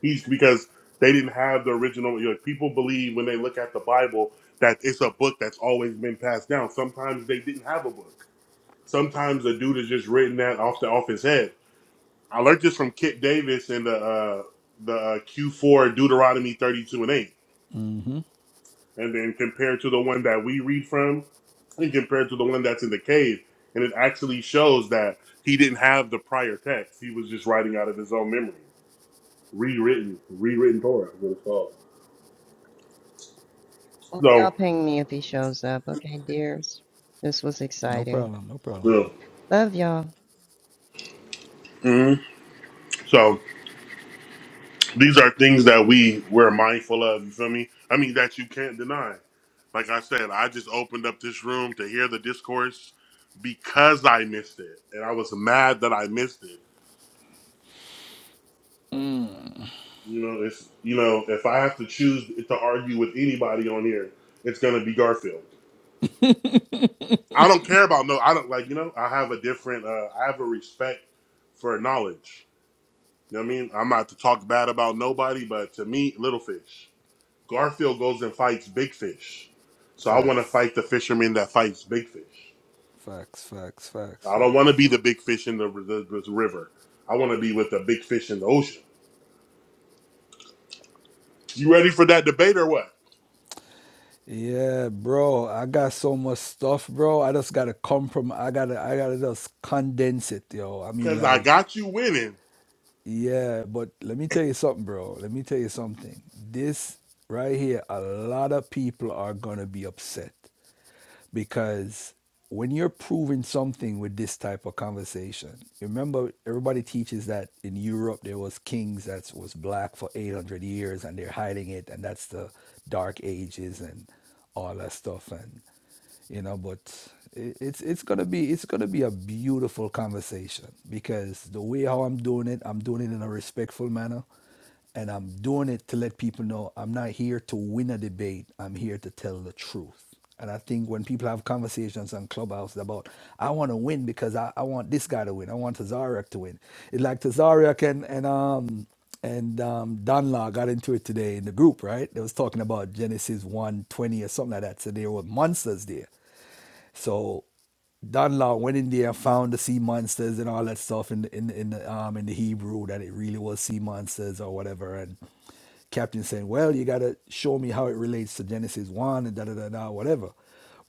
Speaker 1: He's because they didn't have the original. You know, people believe when they look at the Bible that it's a book that's always been passed down. Sometimes they didn't have a book. Sometimes a dude is just written that off the off his head. I learned this from Kit Davis in the uh, the uh, Q4 Deuteronomy 32 and 8, and then compared to the one that we read from, and compared to the one that's in the cave, and it actually shows that he didn't have the prior text; he was just writing out of his own memory, rewritten, rewritten Torah is what it's called.
Speaker 7: Well, y'all
Speaker 1: So,
Speaker 7: ping me if he shows up. Okay, dears. This was
Speaker 6: No
Speaker 7: exciting.
Speaker 6: problem, no problem.
Speaker 7: Love y'all.
Speaker 1: yeah. Mhm. these are things that we we're mindful of. You feel me? I mean that you can't deny. Like I said, I just opened up this room to hear the discourse because I missed it, and I was mad that I missed it. You know, it's you know, if I have to choose to argue with anybody on here, it's gonna be Garfield. I don't care about no. I don't like you know. I have a different. Uh, I have a respect for knowledge. You know what I mean? I'm not to talk bad about nobody, but to me, little fish. Garfield goes and fights big fish. So I want to
Speaker 6: Facts.
Speaker 1: fight the fisherman that fights big fish.
Speaker 6: Facts, facts, facts,
Speaker 1: I don't want to
Speaker 6: facts.
Speaker 1: be the big fish in the, the, the river. I want to be with the big fish in the ocean. You ready for that debate or what?
Speaker 6: Yeah, bro. I got so much stuff, bro. I just gotta compromise I gotta I gotta just condense it, yo. I mean
Speaker 1: Because I
Speaker 6: like
Speaker 1: got you winning.
Speaker 6: yeah, but let me tell you something, bro. Let me tell you something. This right here, a lot of people are gonna be upset. because when you're proving something with this type of conversation remember everybody teaches that in europe there was kings that was black for 800 years and they're hiding it and that's the dark ages and all that stuff and you know but it, it's it's gonna be it's gonna be a beautiful conversation because the way how i'm doing it i'm doing it in a respectful manner and I'm doing it to let people know I'm not here to win a debate. I'm here to tell the truth. And I think when people have conversations on Clubhouse about, I want to win because I, I want this guy to win. I want Tazariak to win. It's like Tazariak and, and, um, and um, Don got into it today in the group, right? They was talking about Genesis 120 or something like that. So there were monsters there. So Don Law went in there, found the sea monsters and all that stuff in the, in the, in the um in the Hebrew that it really was sea monsters or whatever. And Captain saying, "Well, you gotta show me how it relates to Genesis one and da da da da whatever."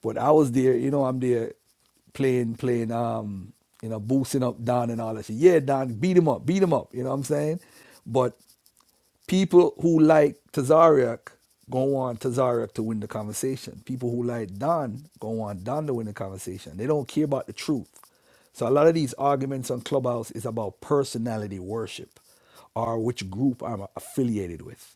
Speaker 6: But I was there, you know, I'm there playing playing um you know boosting up Don and all that shit. Yeah, Don, beat him up, beat him up. You know what I'm saying? But People who like Tazariak go on Tazariak to win the conversation. People who like Don go on Don to win the conversation. They don't care about the truth. So a lot of these arguments on Clubhouse is about personality worship or which group I'm affiliated with.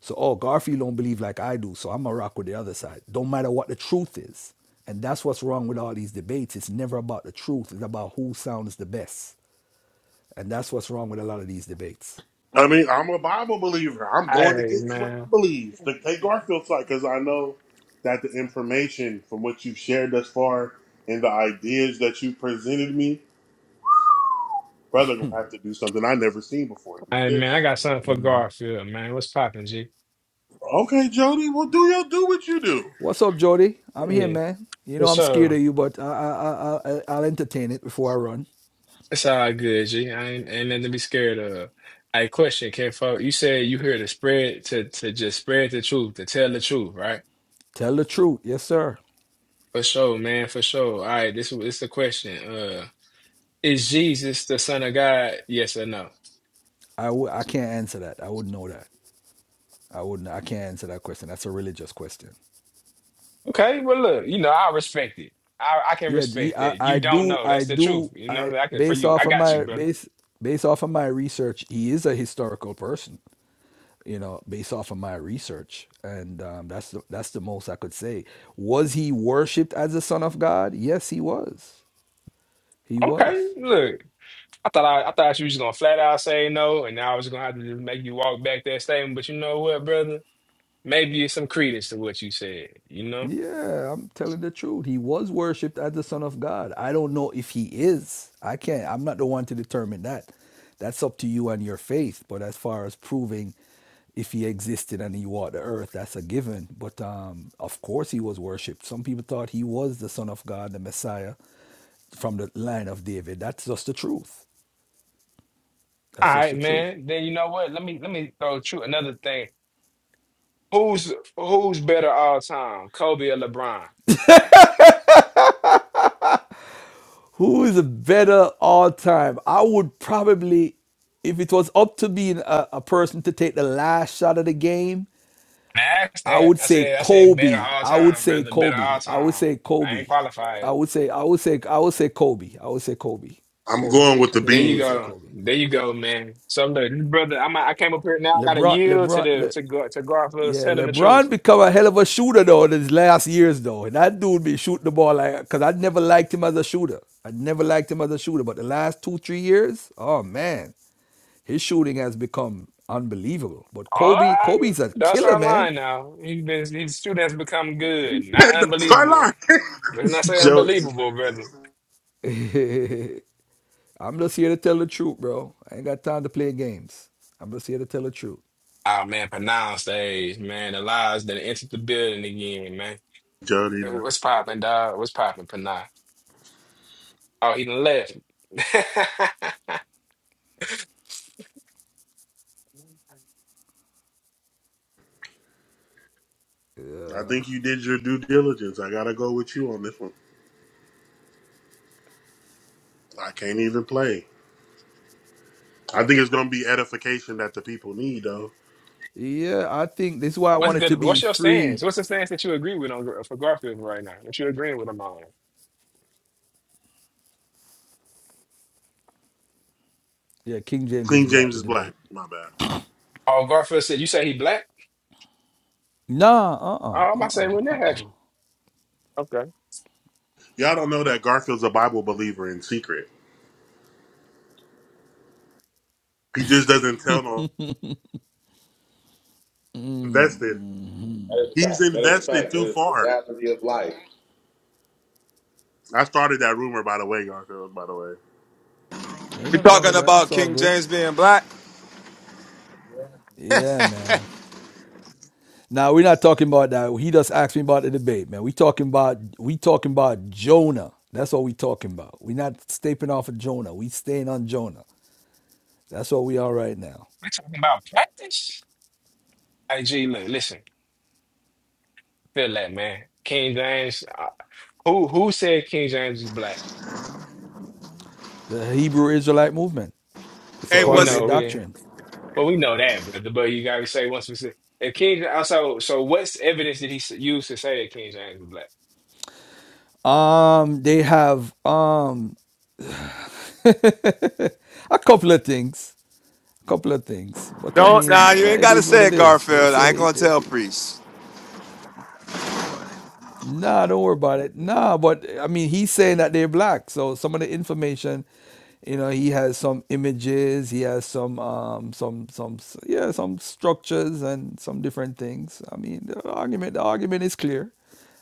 Speaker 6: So, oh, Garfield don't believe like I do, so I'm going to rock with the other side. Don't matter what the truth is. And that's what's wrong with all these debates. It's never about the truth. It's about who sounds the best. And that's what's wrong with a lot of these debates.
Speaker 1: I mean, I'm a Bible believer. I'm going
Speaker 8: Hey
Speaker 1: against what I
Speaker 8: man,
Speaker 1: believe. The take Garfield side because I know that the information from what you've shared thus far and the ideas that you presented me, brother, gonna have to do something I never seen before.
Speaker 8: hey man,
Speaker 1: This.
Speaker 8: I got something for Garfield, man. What's poppin', G?
Speaker 1: Okay, Jody. Well, do your do what you do.
Speaker 6: What's up, Jody? I'm here,
Speaker 8: Yeah,
Speaker 6: man. You
Speaker 8: for
Speaker 6: know I'm scared
Speaker 8: sure.
Speaker 6: of you, but I, I, I, I, I'll entertain it before I run.
Speaker 8: It's all good, G. I ain't, ain't nothing to be scared of. Hey, question, K folk. You said you here to spread to to just spread the truth, to tell the truth, right?
Speaker 6: Tell the truth, yes, sir.
Speaker 8: For sure, man. For sure. All right, this is the question. Uh, is Jesus the Son of God? Yes or no?
Speaker 6: I w- I can't answer that. I wouldn't know that. I wouldn't. I can't answer that question. That's a religious question.
Speaker 8: Okay, well, look, you know, I respect it. I, I can
Speaker 6: Yeah, the-
Speaker 8: respect
Speaker 6: I,
Speaker 8: that. You
Speaker 6: I
Speaker 8: don't
Speaker 6: do.
Speaker 8: know.
Speaker 6: I
Speaker 8: That's the truth.
Speaker 6: do.
Speaker 8: You
Speaker 6: I
Speaker 8: know, I can for
Speaker 6: based
Speaker 8: you.
Speaker 6: off
Speaker 8: I
Speaker 6: of
Speaker 8: got you,
Speaker 6: my
Speaker 8: brother.
Speaker 6: base based off of my research, he is a historical person. You know, based off of my research, and um, that's the, that's the most I could say. Was he worshipped as the son of God? Yes, he was. He
Speaker 8: Okay,
Speaker 6: was.
Speaker 8: look. I thought I, I thought you was just gonna flat out say no, and I was gonna have to just make you walk back that statement. But you know what, brother? Maybe it's some credence to what you said. You know.
Speaker 6: Yeah, I'm telling the truth. He was worshipped as the Son of God. I don't know if he is. I can't. I'm not the one to determine that. That's up to you and your faith. But as far as proving if he existed and he walked the earth, that's a given. But um, of course, he was worshipped. Some people thought he was the Son of God, the Messiah from the line of David. That's just the truth.
Speaker 8: All
Speaker 6: That's just
Speaker 8: right,
Speaker 6: the truth.
Speaker 8: man. Then you know what? Let me let me throw true another thing. Who's who's better all time, Kobe or LeBron?
Speaker 6: Who is a better all time? I would probably, if it was up to being a, a person to take the last shot of the game,
Speaker 8: And I asked
Speaker 6: I
Speaker 8: that.
Speaker 6: would
Speaker 8: I
Speaker 6: say
Speaker 8: said I said better
Speaker 6: Kobe.
Speaker 8: all
Speaker 6: I would
Speaker 8: time,
Speaker 6: say
Speaker 8: brother. Better all
Speaker 6: Kobe. I would
Speaker 8: time.
Speaker 6: say
Speaker 8: I
Speaker 6: Kobe.
Speaker 8: ain't qualified.
Speaker 6: I would say I would say I would say Kobe. I would say Kobe.
Speaker 1: I'm
Speaker 6: Kobe.
Speaker 1: going with
Speaker 6: I
Speaker 1: the
Speaker 8: There
Speaker 6: definitely
Speaker 8: you
Speaker 1: bean.
Speaker 6: would say
Speaker 8: go.
Speaker 6: Kobe.
Speaker 8: There you go, man. So look, brother, I'm I came up here now. I got to
Speaker 6: LeBron.
Speaker 8: yield to
Speaker 6: LeBron.
Speaker 8: the
Speaker 6: Le,
Speaker 8: to Gar- to Garfield
Speaker 6: Yeah,
Speaker 8: telling the truth.
Speaker 6: LeBron become a hell of a shooter though in his last years though. that dude be shooting the ball like because I never liked him as a shooter. I never liked him as a shooter, but the last two three years, oh man, his shooting has become unbelievable. But Kobe,
Speaker 8: Oh,
Speaker 6: Kobe's a
Speaker 8: that's
Speaker 6: killer,
Speaker 8: our
Speaker 6: man.
Speaker 8: line now. He been, his students become good, not
Speaker 1: That's my
Speaker 8: unbelievable.
Speaker 1: line.
Speaker 8: Let's not say
Speaker 1: Joe,
Speaker 8: unbelievable, brother.
Speaker 6: I'm just here to tell the truth, bro. I ain't got time to play games. I'm just here to tell the truth.
Speaker 8: Oh man, pronounced age, man. The lies that entered the building again, man.
Speaker 1: Jody,
Speaker 8: What's popping, dog? What's popping, Panay? Oh, he done left.
Speaker 1: I think you did your due diligence. I gotta go with you on this one. I can't even play. I think it's gonna be edification that the people need, though.
Speaker 6: Yeah, I think this is why I
Speaker 8: What's
Speaker 6: want it to
Speaker 8: good?
Speaker 6: be
Speaker 8: What's your stance?
Speaker 6: free.
Speaker 8: What's the stance that you agree with on for Garfield right now? That you agreeing with him on?
Speaker 6: Yeah, King James is
Speaker 1: King
Speaker 6: black.
Speaker 1: James
Speaker 6: The
Speaker 1: is black.
Speaker 6: debate.
Speaker 1: My bad.
Speaker 8: Oh, Garfield said you say he black.
Speaker 6: Nah, uh,
Speaker 8: Oh,
Speaker 6: uh-uh,
Speaker 8: I'm about to
Speaker 6: uh,
Speaker 8: say
Speaker 6: uh,
Speaker 8: when
Speaker 6: uh.
Speaker 8: that happened. Okay,
Speaker 1: Y'all don't know that Garfield's a Bible believer in secret. He just doesn't tell no invested.
Speaker 2: That is a
Speaker 1: He's
Speaker 2: fact. That is a
Speaker 1: invested
Speaker 2: fact. That
Speaker 1: too
Speaker 2: is the
Speaker 1: far.
Speaker 2: reality of life.
Speaker 1: I started that rumor, by the way, Garfield. By the way,
Speaker 6: Ain't
Speaker 3: We
Speaker 6: nothing wrong
Speaker 3: talking
Speaker 6: with that. It's
Speaker 3: about
Speaker 6: all
Speaker 3: King
Speaker 6: good.
Speaker 3: James being black.
Speaker 6: Yeah, man. Now we're not talking about that. He just asked me about the debate, man. We talking about we talking about Jonah. That's what we talking about. We're not stepping off of Jonah. We staying on Jonah. That's what we are right now.
Speaker 8: we talking about practice. Hey, G, look, listen. feel that, man. King James, uh, who who said King James is black?
Speaker 6: The Hebrew Israelite movement. It's a
Speaker 3: Hey,
Speaker 8: Well, we
Speaker 6: part of
Speaker 3: what's
Speaker 6: their
Speaker 8: know we
Speaker 6: doctrine.
Speaker 8: well we know that, but but you gotta say once we say if King also so so what's evidence did he s- use to say that King James was black?
Speaker 6: Um, they have um a couple of things. A couple of things. But I
Speaker 3: don't
Speaker 6: mean,
Speaker 3: nah?
Speaker 6: you
Speaker 3: You
Speaker 6: know,
Speaker 3: ain't
Speaker 6: it
Speaker 3: gotta
Speaker 6: is what
Speaker 3: say
Speaker 6: it
Speaker 3: it,
Speaker 6: is. They
Speaker 3: Garfield. I ain't gonna tell
Speaker 6: say
Speaker 3: priests.
Speaker 6: Nah, don't worry about it. Nah, but I mean, he's saying that they're black. So some of the information, you know, he has some images, he has some, um, some, some, s- yeah, some structures and some different things. I mean, the argument, the argument is clear.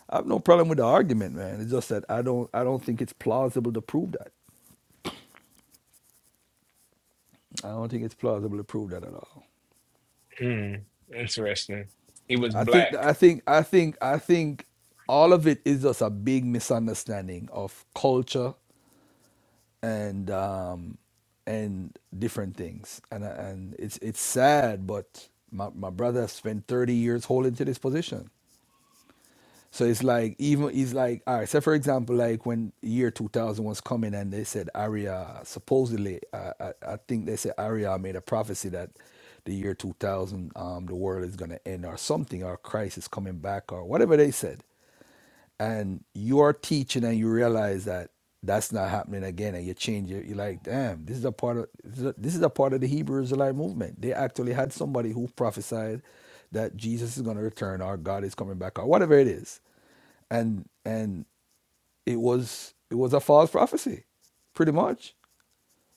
Speaker 6: I have no problem with the argument, man. It's just that I don't, I don't think it's plausible to prove that. I don't think it's plausible to prove that at all.
Speaker 8: Hmm, interesting. He was
Speaker 6: I think,
Speaker 8: black.
Speaker 6: I think, I think, I think all of it is just a big misunderstanding of culture and um, and different things. And uh, and it's it's sad, but my, my brother spent 30 years holding to this position. So it's like even he's like all right. So for example, like when year 2000 was coming and they said Aria supposedly I, I, I think they said Aria made a prophecy that the year 2000 um, the world is gonna end or something or Christ is coming back or whatever they said and you're teaching and you realize that that's not happening again and you change it you're like damn this is a part of this is a, this is a part of the hebrew israelite movement they actually had somebody who prophesied that jesus is going to return or god is coming back or whatever it is and and it was it was a false prophecy pretty much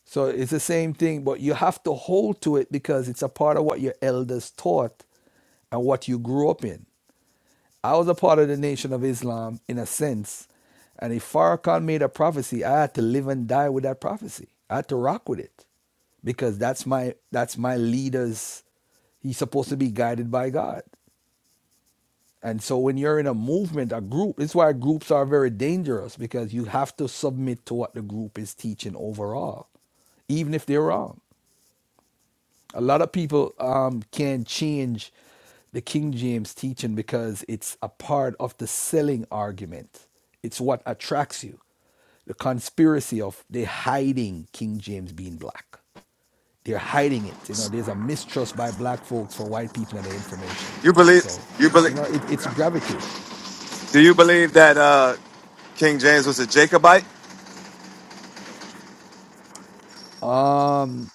Speaker 6: so it's the same thing but you have to hold to it because it's a part of what your elders taught and what you grew up in I was a part of the Nation of Islam in a sense. And if Farrakhan made a prophecy, I had to live and die with that prophecy. I had to rock with it. Because that's my that's my leader's he's supposed to be guided by God. And so when you're in a movement, a group, it's why groups are very dangerous because you have to submit to what the group is teaching overall, even if they're wrong. A lot of people um, can change the King James teaching because it's a part of the selling argument. It's what attracts you. The conspiracy of they hiding King James being black. They're hiding it. You know, there's a mistrust by black folks for white people and their information.
Speaker 3: You believe
Speaker 6: So,
Speaker 3: you believe?
Speaker 6: you know, it, it's gravitate.
Speaker 3: Do you believe that uh King James was a Jacobite?
Speaker 6: Um,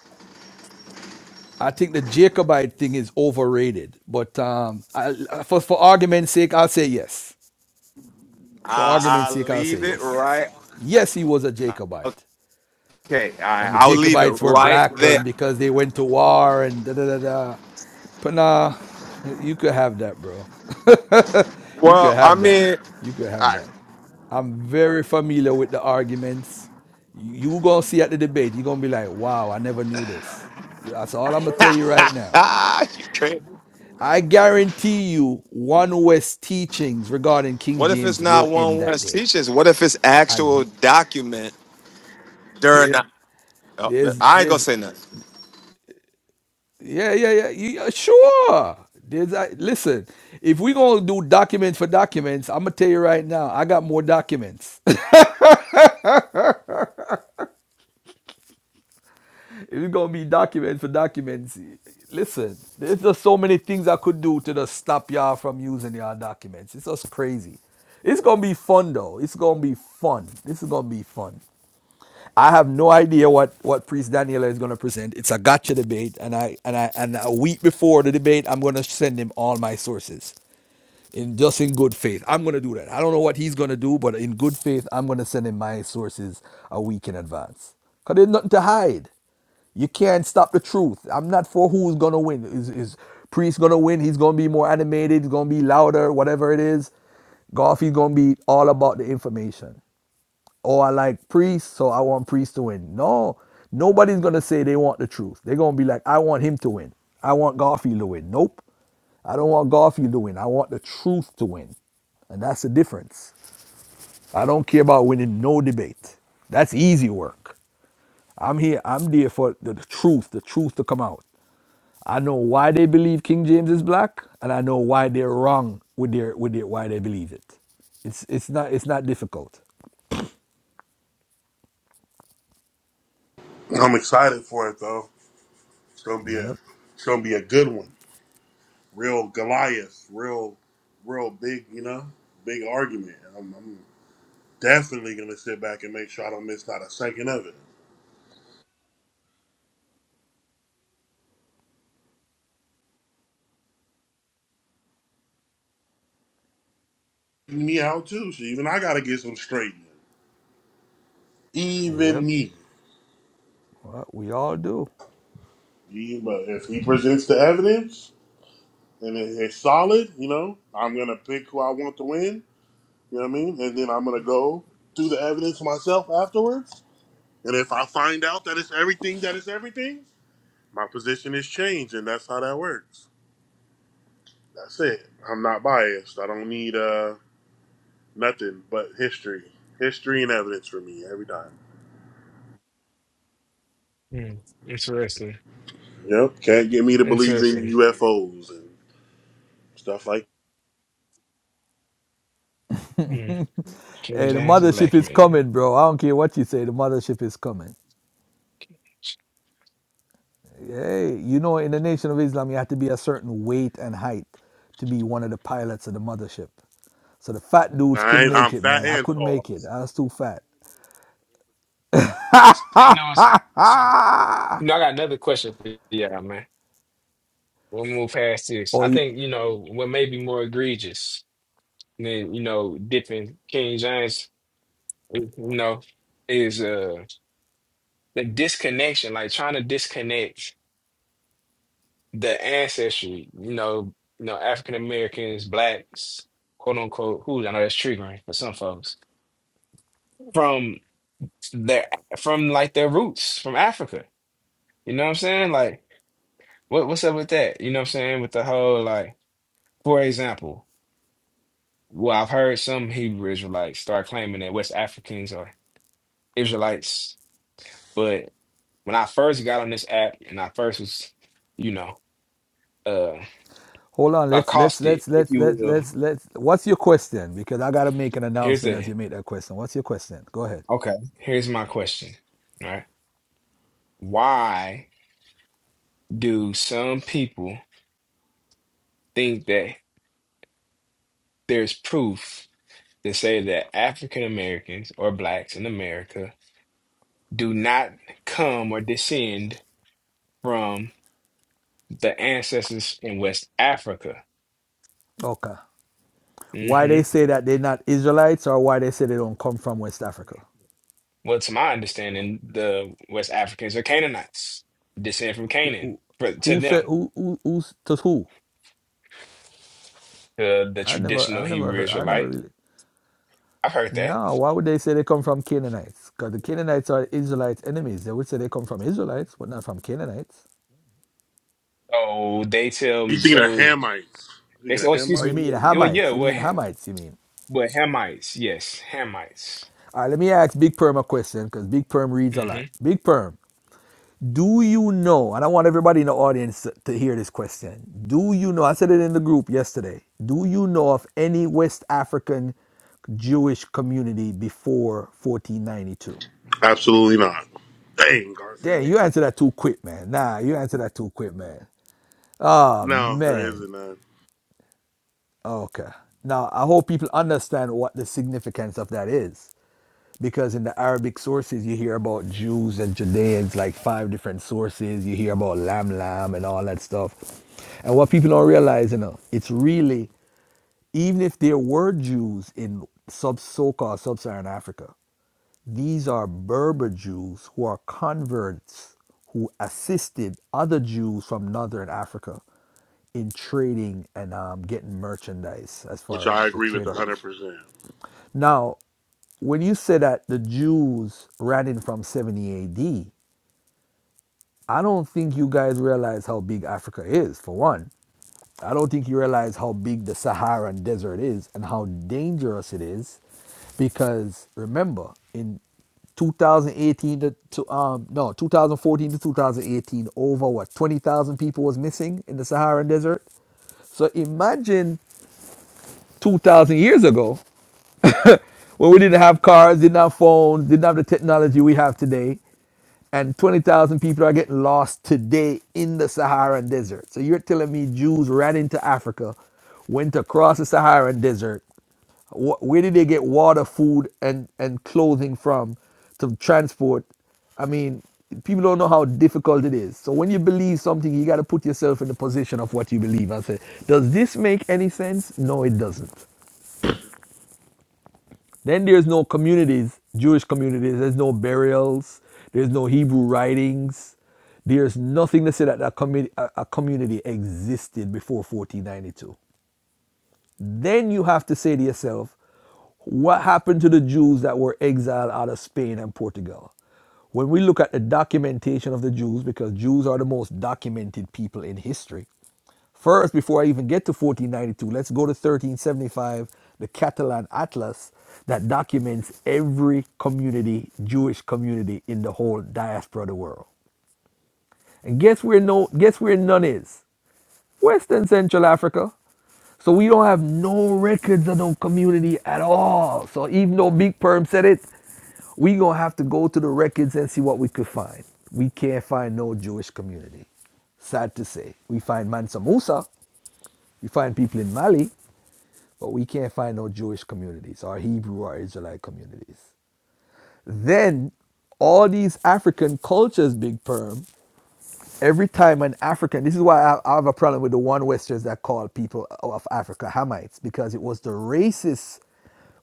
Speaker 6: I think the Jacobite thing is overrated, but um, I, for for argument's sake, I'll say yes. For
Speaker 3: I
Speaker 6: argument's
Speaker 3: I
Speaker 6: sake, I'll say
Speaker 3: leave it
Speaker 6: yes.
Speaker 3: right.
Speaker 6: Yes, he was a Jacobite.
Speaker 3: Okay, I,
Speaker 6: And the
Speaker 3: I'll leave it
Speaker 6: Jacobites were
Speaker 3: right
Speaker 6: black and
Speaker 3: there.
Speaker 6: because they went to war and da da da da. But nah, you could have that, bro. you could
Speaker 3: Well, I
Speaker 6: have that.
Speaker 3: mean,
Speaker 6: You could have
Speaker 3: I,
Speaker 6: that. I'm very familiar with the arguments. You gonna see at the debate, you're gonna be like, wow, I never knew this. Yeah, That's all I'm gonna tell you right now.
Speaker 3: ah, you crazy.
Speaker 6: I guarantee you, one West teachings regarding King
Speaker 3: What if it's
Speaker 6: James will
Speaker 3: not
Speaker 6: end
Speaker 3: one
Speaker 6: that
Speaker 3: West
Speaker 6: day.
Speaker 3: teachings? What if it's
Speaker 6: I. gu-
Speaker 3: actual document during? the- Oh,
Speaker 6: There's
Speaker 3: I ain't gonna
Speaker 6: there's
Speaker 3: say nothing.
Speaker 6: yeah yeah yeah, yeah, sure. There's I listen. If we gonna do document for documents, I'm gonna tell you right now. I got more documents. if it's gonna be document for documents, listen. There's just so many things I could do to just stop y'all from using y'all documents. It's just crazy. It's gonna be fun though. It's gonna be fun. This is gonna be fun. I have no idea what what Priest Daniela is gonna present. It's a gotcha debate, and I and I and a week before the debate, I'm gonna send him all my sources. in just in good faith. I'm gonna do that. I don't know what he's gonna do, but in good faith, I'm gonna send him my sources a week in advance. Cause there's nothing to hide. You can't stop the truth. I'm not for who's gonna win. Is is Priest gonna win? He's gonna be more animated. He's gonna be louder. Whatever it is, Golf. He's gonna be all about the information oh, I like priests, so I want priests to win. No, nobody's gonna say they want the truth. They're gonna be like, I want him to win. I want Garfield to win. Nope. I don't want Garfield to win. I want the truth to win. And that's the difference. I don't care about winning no debate. That's easy work. I'm here, I'm there for the, the truth, the truth to come out. I know why they believe King James is black, and I know why they're wrong with their with their why they believe it. It's it's not it's not difficult.
Speaker 1: I'm excited for it though. It's gonna be a,
Speaker 6: Yep.
Speaker 1: it's gonna be a good one. real Goliath, real, real big, you know, big argument. And I'm, I'm definitely gonna sit back and make sure I don't miss not a second of it. Me out too. So even I gotta get some straightening. Even
Speaker 6: Yep.
Speaker 1: me.
Speaker 6: Well, we all do.
Speaker 1: Even- But if he presents the evidence and it- it's solid, you know, I'm gonna pick who I want to win. You know what I mean? And then I'm gonna go through the evidence myself afterwards. And if I find out that it's everything that it's everything, my position is changed, and that's how that works. That's it. I'm not biased. I don't need uh nothing but history. History and evidence for me every time.
Speaker 8: Hmm, interesting.
Speaker 1: Yep. Can't get me to believe in
Speaker 8: Interesting.
Speaker 1: UFOs and stuff like
Speaker 8: Hmm. King
Speaker 6: Hey, the
Speaker 8: James, a
Speaker 6: mothership
Speaker 8: black
Speaker 6: is
Speaker 8: man.
Speaker 6: coming, bro. I don't care what you say. The mothership is coming. Hey, you know, in the Nation of Islam, you have to be a certain weight and height to be one of the pilots of the mothership. So the fat dudes
Speaker 1: I
Speaker 6: couldn't
Speaker 1: ain't, I'm
Speaker 6: make it,
Speaker 1: fat
Speaker 6: man. I
Speaker 1: and
Speaker 6: couldn't
Speaker 1: tall.
Speaker 6: make it. I was too fat.
Speaker 8: So, You know, it's, so, you know, I got another question for you, man. We'll move past this.
Speaker 6: Or
Speaker 8: I
Speaker 6: you,
Speaker 8: think, you know, what may be more egregious than, you know, dipping King James, you know, is uh the disconnection, like trying to disconnect the ancestry, you know, you know, African Americans, blacks, quote unquote, Who I know that's triggering for some folks, from their from like their roots from Africa. You know what I'm saying? Like what what's up with that? You know what I'm saying? With the whole like, for example. Well, I've heard some Hebrew Israelites start claiming that West Africans are Israelites, but when I first got on this app and I first was, you know, uh
Speaker 6: hold on. Let's let's
Speaker 8: accosted,
Speaker 6: let's
Speaker 8: if
Speaker 6: let's
Speaker 8: you
Speaker 6: let's
Speaker 8: will,
Speaker 6: let's let's. What's your question? Because I gotta make an
Speaker 8: here's
Speaker 6: announcement
Speaker 8: the
Speaker 6: as you make that question. What's your question? Go ahead.
Speaker 8: okay, here's my question, right? Why do some people think that there's proof to say that African Americans or blacks in America do not come or descend from the ancestors in West Africa?
Speaker 6: Okay. Why
Speaker 8: hmm
Speaker 6: they say that they're not Israelites, or why they say they don't come from West Africa?
Speaker 8: Well, to my understanding, the West Africans are Canaanites, descend from
Speaker 6: who
Speaker 8: Canaan.
Speaker 6: who,
Speaker 8: For to
Speaker 6: who said
Speaker 8: them,
Speaker 6: who who who's to who?
Speaker 8: to the
Speaker 6: I never
Speaker 8: traditional
Speaker 6: I've never
Speaker 8: Hebrew
Speaker 6: heard I never
Speaker 8: Israelite,
Speaker 6: really
Speaker 8: I've heard that.
Speaker 6: no, why would they say they come from Canaanites? Because the Canaanites are Israelites' enemies. They would say they come from Israelites, but not from Canaanites.
Speaker 8: Oh, they tell
Speaker 1: You
Speaker 8: me.
Speaker 1: thinking of
Speaker 8: So
Speaker 1: Hamites? You
Speaker 8: they
Speaker 1: thinking
Speaker 8: say,
Speaker 1: of
Speaker 8: "Oh, excuse
Speaker 6: Or you
Speaker 1: Hamites?
Speaker 8: me. y-
Speaker 6: mean
Speaker 8: Well, yeah,
Speaker 6: Hamites? You
Speaker 8: well,
Speaker 6: mean
Speaker 8: Ham,
Speaker 6: Hamites? You mean?
Speaker 8: well, Hamites, yes, Hamites."
Speaker 6: All right, let me ask Big Perm a question because Big Perm reads a
Speaker 8: Mm-hmm.
Speaker 6: lot. Big Perm, Do you know? And I want everybody in the audience to to hear this question. Do you know? I said it in the group yesterday. Do you know of any West African Jewish community before 1492?
Speaker 1: Absolutely not. Dang,
Speaker 6: Damn,
Speaker 1: Garfield.
Speaker 6: you answer that too quick, man. Nah, you answer that too quick, man. Oh,
Speaker 1: No, there
Speaker 6: man.
Speaker 1: isn't none,
Speaker 6: Okay. Now, I hope people understand what the significance of that is. Because in the Arabic sources, you hear about Jews and Judeans, like five different sources. You hear about Lam Lam and all that stuff. And what people don't realize, you know, it's really, even if there were Jews in sub so called sub Saharan Africa, these are Berber Jews who are converts who assisted other Jews from Northern Africa in trading and um, getting merchandise as
Speaker 1: which
Speaker 6: far
Speaker 1: I
Speaker 6: as the
Speaker 1: agree with
Speaker 6: trade routes.
Speaker 1: 100%.
Speaker 6: Now, when you say that the Jews ran in from 70 AD, I don't think you guys realize how big Africa is, for one. I don't think you realize how big the Saharan desert is and how dangerous it is because remember in 2018 to, to um no 2014 to 2018 over what 20,000 people was missing in the Saharan desert so imagine 2,000 years ago well, we didn't have cars, didn't have phones, didn't have the technology we have today. And 20,000 people are getting lost today in the Saharan desert. So you're telling me Jews ran into Africa, went across the Saharan desert. Wh- Where did they get water, food, and, and clothing from to transport? I mean, people don't know how difficult it is. So when you believe something, you got to put yourself in the position of what you believe and say, does this make any sense? No, it doesn't. Then there's no communities, Jewish communities. There's no burials. There's no Hebrew writings. There's nothing to say that a, commu- a community existed before 1492. Then you have to say to yourself, what happened to the Jews that were exiled out of Spain and Portugal? When we look at the documentation of the Jews, because Jews are the most documented people in history, First, before I even get to 1492, let's go to 1375, the Catalan Atlas that documents every community, Jewish community in the whole diaspora of the world. And guess where no guess where none is? Western Central Africa. So we don't have no records of no community at all. So even though Big Perm said it, we gonna have to go to the records and see what we could find. We can't find no Jewish community. Sad to say. We find Mansa Musa. We find people in Mali, but we can't find no Jewish communities or Hebrew or Israelite communities. Then all these African cultures, Big Perm, every time an African, this is why I, I have a problem with the one Westers that call people of Africa Hamites, because it was the racist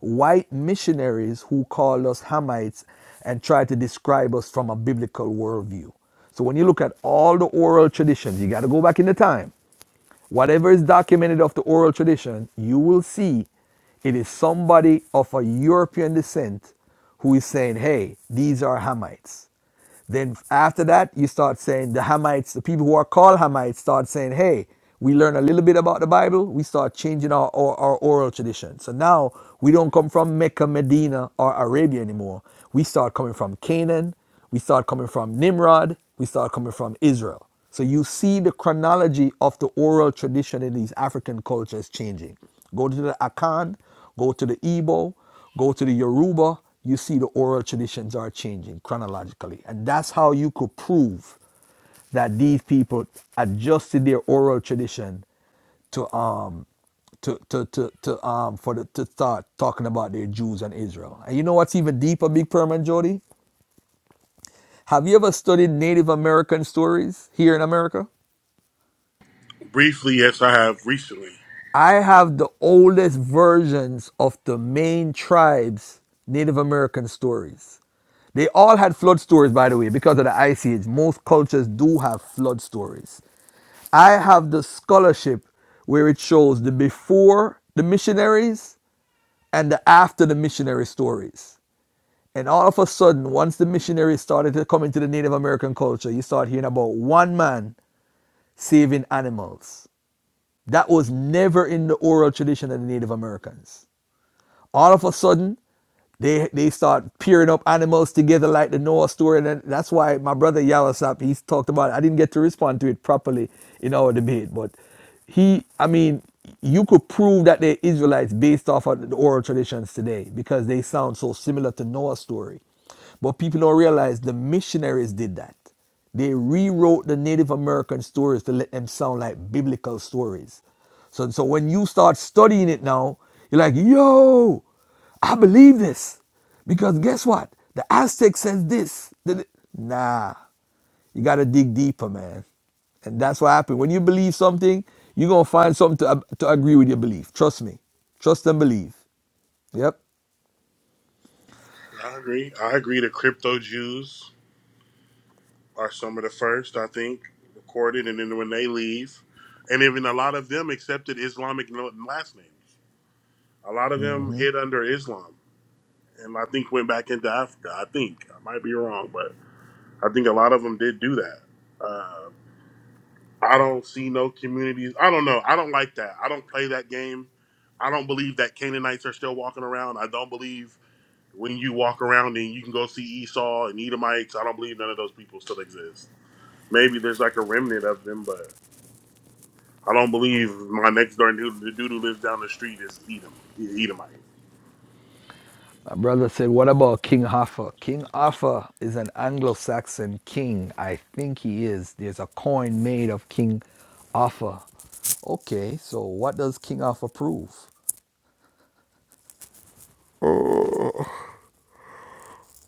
Speaker 6: white missionaries who called us Hamites and tried to describe us from a biblical worldview. So when you look at all the oral traditions, you got to go back in the time. Whatever is documented of the oral tradition, you will see it is somebody of a European descent who is saying, hey, these are Hamites. Then after that, you start saying the Hamites, the people who are called Hamites, start saying, hey, we learn a little bit about the Bible. We start changing our, our, our oral tradition. So now we don't come from Mecca, Medina, or Arabia anymore. We start coming from Canaan. We saw it coming from Nimrod. We saw it coming from Israel. So you see the chronology of the oral tradition in these African cultures changing. Go to the Akan, go to the Igbo, go to the Yoruba. You see the oral traditions are changing chronologically. And that's how you could prove that these people adjusted their oral tradition to um to to to, to um for the to start talking about their Jews and Israel. And you know what's even deeper, Big Perm and Jody? Have you ever studied Native American stories here in America?
Speaker 1: Briefly, yes, I have recently.
Speaker 6: I have the oldest versions of the main tribes' Native American stories. They all had flood stories, by the way, because of the Ice Age. Most cultures do have flood stories. I have the scholarship where it shows the before the missionaries and the after the missionary stories. And all of a sudden, once the missionaries started to come into the Native American culture, you start hearing about one man saving animals. That was never in the oral tradition of the Native Americans. All of a sudden, they they start pairing up animals together like the Noah story, and that's why my brother Yalasap he's talked about. It. I didn't get to respond to it properly in our debate, but he, I mean, you could prove that they're Israelites based off of the oral traditions today because they sound so similar to Noah's story, but people don't realize the missionaries did that. They rewrote the Native American stories to let them sound like biblical stories. So, so when you start studying it now, you're like, yo, I believe this. Because guess what? The Aztec says this. Nah, you got to dig deeper, man. And that's what happened. When you believe something, you're going to find something to, to agree with your belief. Trust me. Trust and believe. Yep.
Speaker 1: I agree. I agree to crypto Jews. are some of the first, I think, recorded. And then when they leave, and even a lot of them accepted Islamic no- last names. A lot of them hid under Islam and I think went back into Africa. I think. I might be wrong, but I think a lot of them did do that. Uh, I don't see no communities. I don't know. I don't like that. I don't play that game. I don't believe that Canaanites are still walking around. I don't believe when you walk around and you can go see Esau and Edomites. I don't believe none of those people still exist maybe there's like a remnant of them, but I don't believe my next door dude, the dude who lives down the street is Edom, Edomite.
Speaker 6: My brother said, What about King Hoffa? King Hoffa is an Anglo Saxon king. I think he is. There's a coin made of King Hoffa. Okay, so what does King Hoffa prove?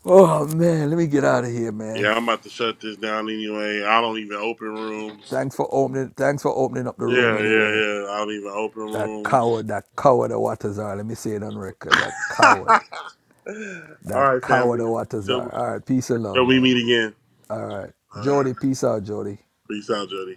Speaker 6: Oh man, let me get out of here,
Speaker 1: Yeah,
Speaker 6: man.
Speaker 1: I'm about to shut this down anyway. I don't even open rooms.
Speaker 6: Thanks for opening thanks for opening up the room
Speaker 1: Yeah, yeah,
Speaker 6: anyway.
Speaker 1: yeah. I don't even open
Speaker 6: That
Speaker 1: rooms.
Speaker 6: coward, that coward of Watazar. Let me say it on record. That coward.
Speaker 1: All
Speaker 6: That
Speaker 1: right,
Speaker 6: coward of
Speaker 1: family. Until,
Speaker 6: Watazar. All right, peace and
Speaker 1: until
Speaker 6: love,
Speaker 1: we
Speaker 6: man.
Speaker 1: meet again.
Speaker 6: All right.
Speaker 1: All right.
Speaker 6: Jody, peace out, Jody.
Speaker 1: Peace out, Jody.